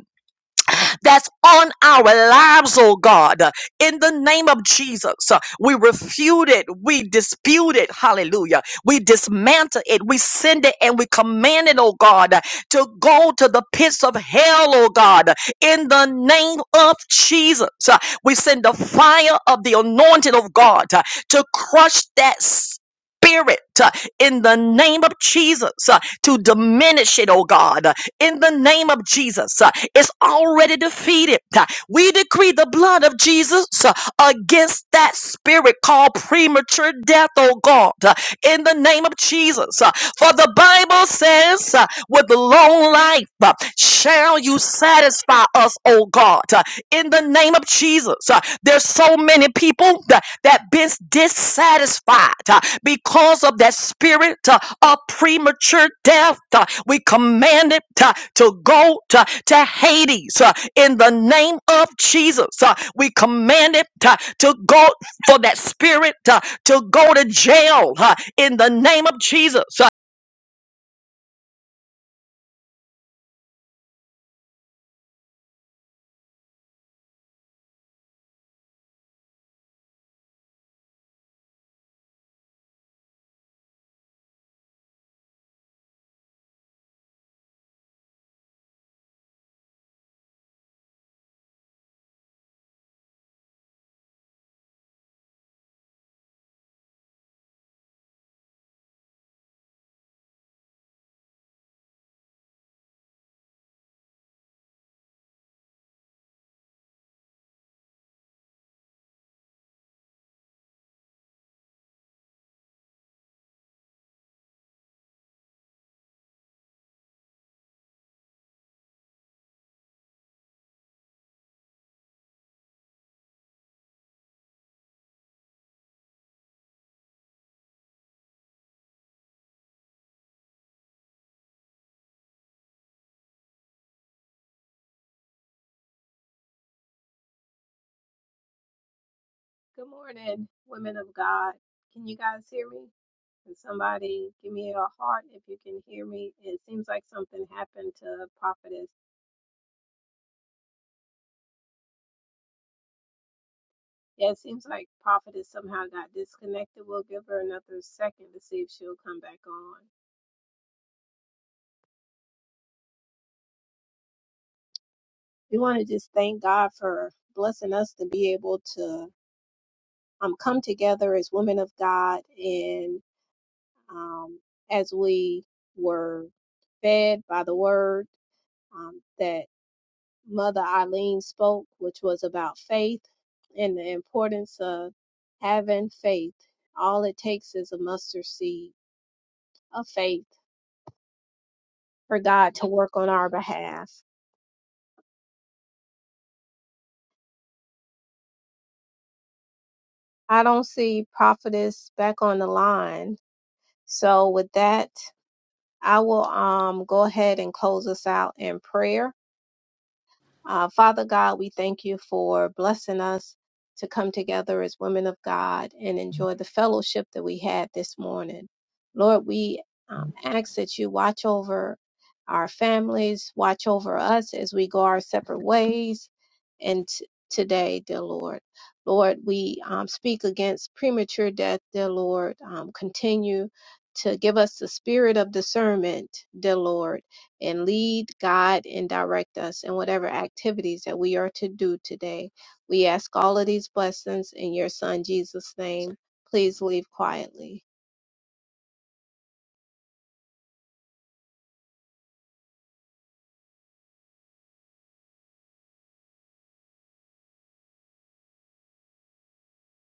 that's on our lives, oh God. In the name of Jesus, uh, we refute it, we dispute it, hallelujah. We dismantle it, we send it, and we command it, oh God, to go to the pits of hell, oh God. In the name of Jesus, Uh, we send the fire of the anointing of God uh, to crush that spirit uh, in the name of Jesus, uh, to diminish it, oh God, uh, in the name of Jesus. uh, is already defeated. We decree the blood of Jesus uh, against that spirit called premature death, oh God, uh, in the name of Jesus. Uh, For the Bible says, uh, with long life uh, shall you satisfy us, oh God. uh, in the name of Jesus. Uh, There's so many people that, that been dissatisfied uh, because of that spirit uh, of premature death. Uh, We command it uh, to go to, to Hades uh, in the name of Jesus. Uh, We command it uh, to go for that spirit uh, to go to jail uh, in the name of Jesus.
Good morning, women of God. Can you guys hear me? Can somebody give me a heart if you can hear me? It seems like something happened to Prophetess. Yeah, it seems like Prophetess somehow got disconnected. We'll give her another second to see if she'll come back on. We want to just thank God for blessing us to be able to um, come together as women of God and um, as we were fed by the word um, that. Mother Eileen spoke, which was about faith and the importance of having faith. All it takes is a mustard seed of faith for God to work on our behalf. I don't see prophetess back on the line. So with that, I will um go ahead and close us out in prayer. Uh, Father God, we thank you for blessing us to come together as women of God and enjoy the fellowship that we had this morning. Lord, we um, ask that you watch over our families, watch over us as we go our separate ways. And t- today, dear Lord, Lord, we um, speak against premature death, dear Lord. Um, continue to give us the spirit of discernment, dear Lord and lead, guide, and direct us in whatever activities that we are to do today. We ask all of these blessings in your Son Jesus' name. Please leave quietly.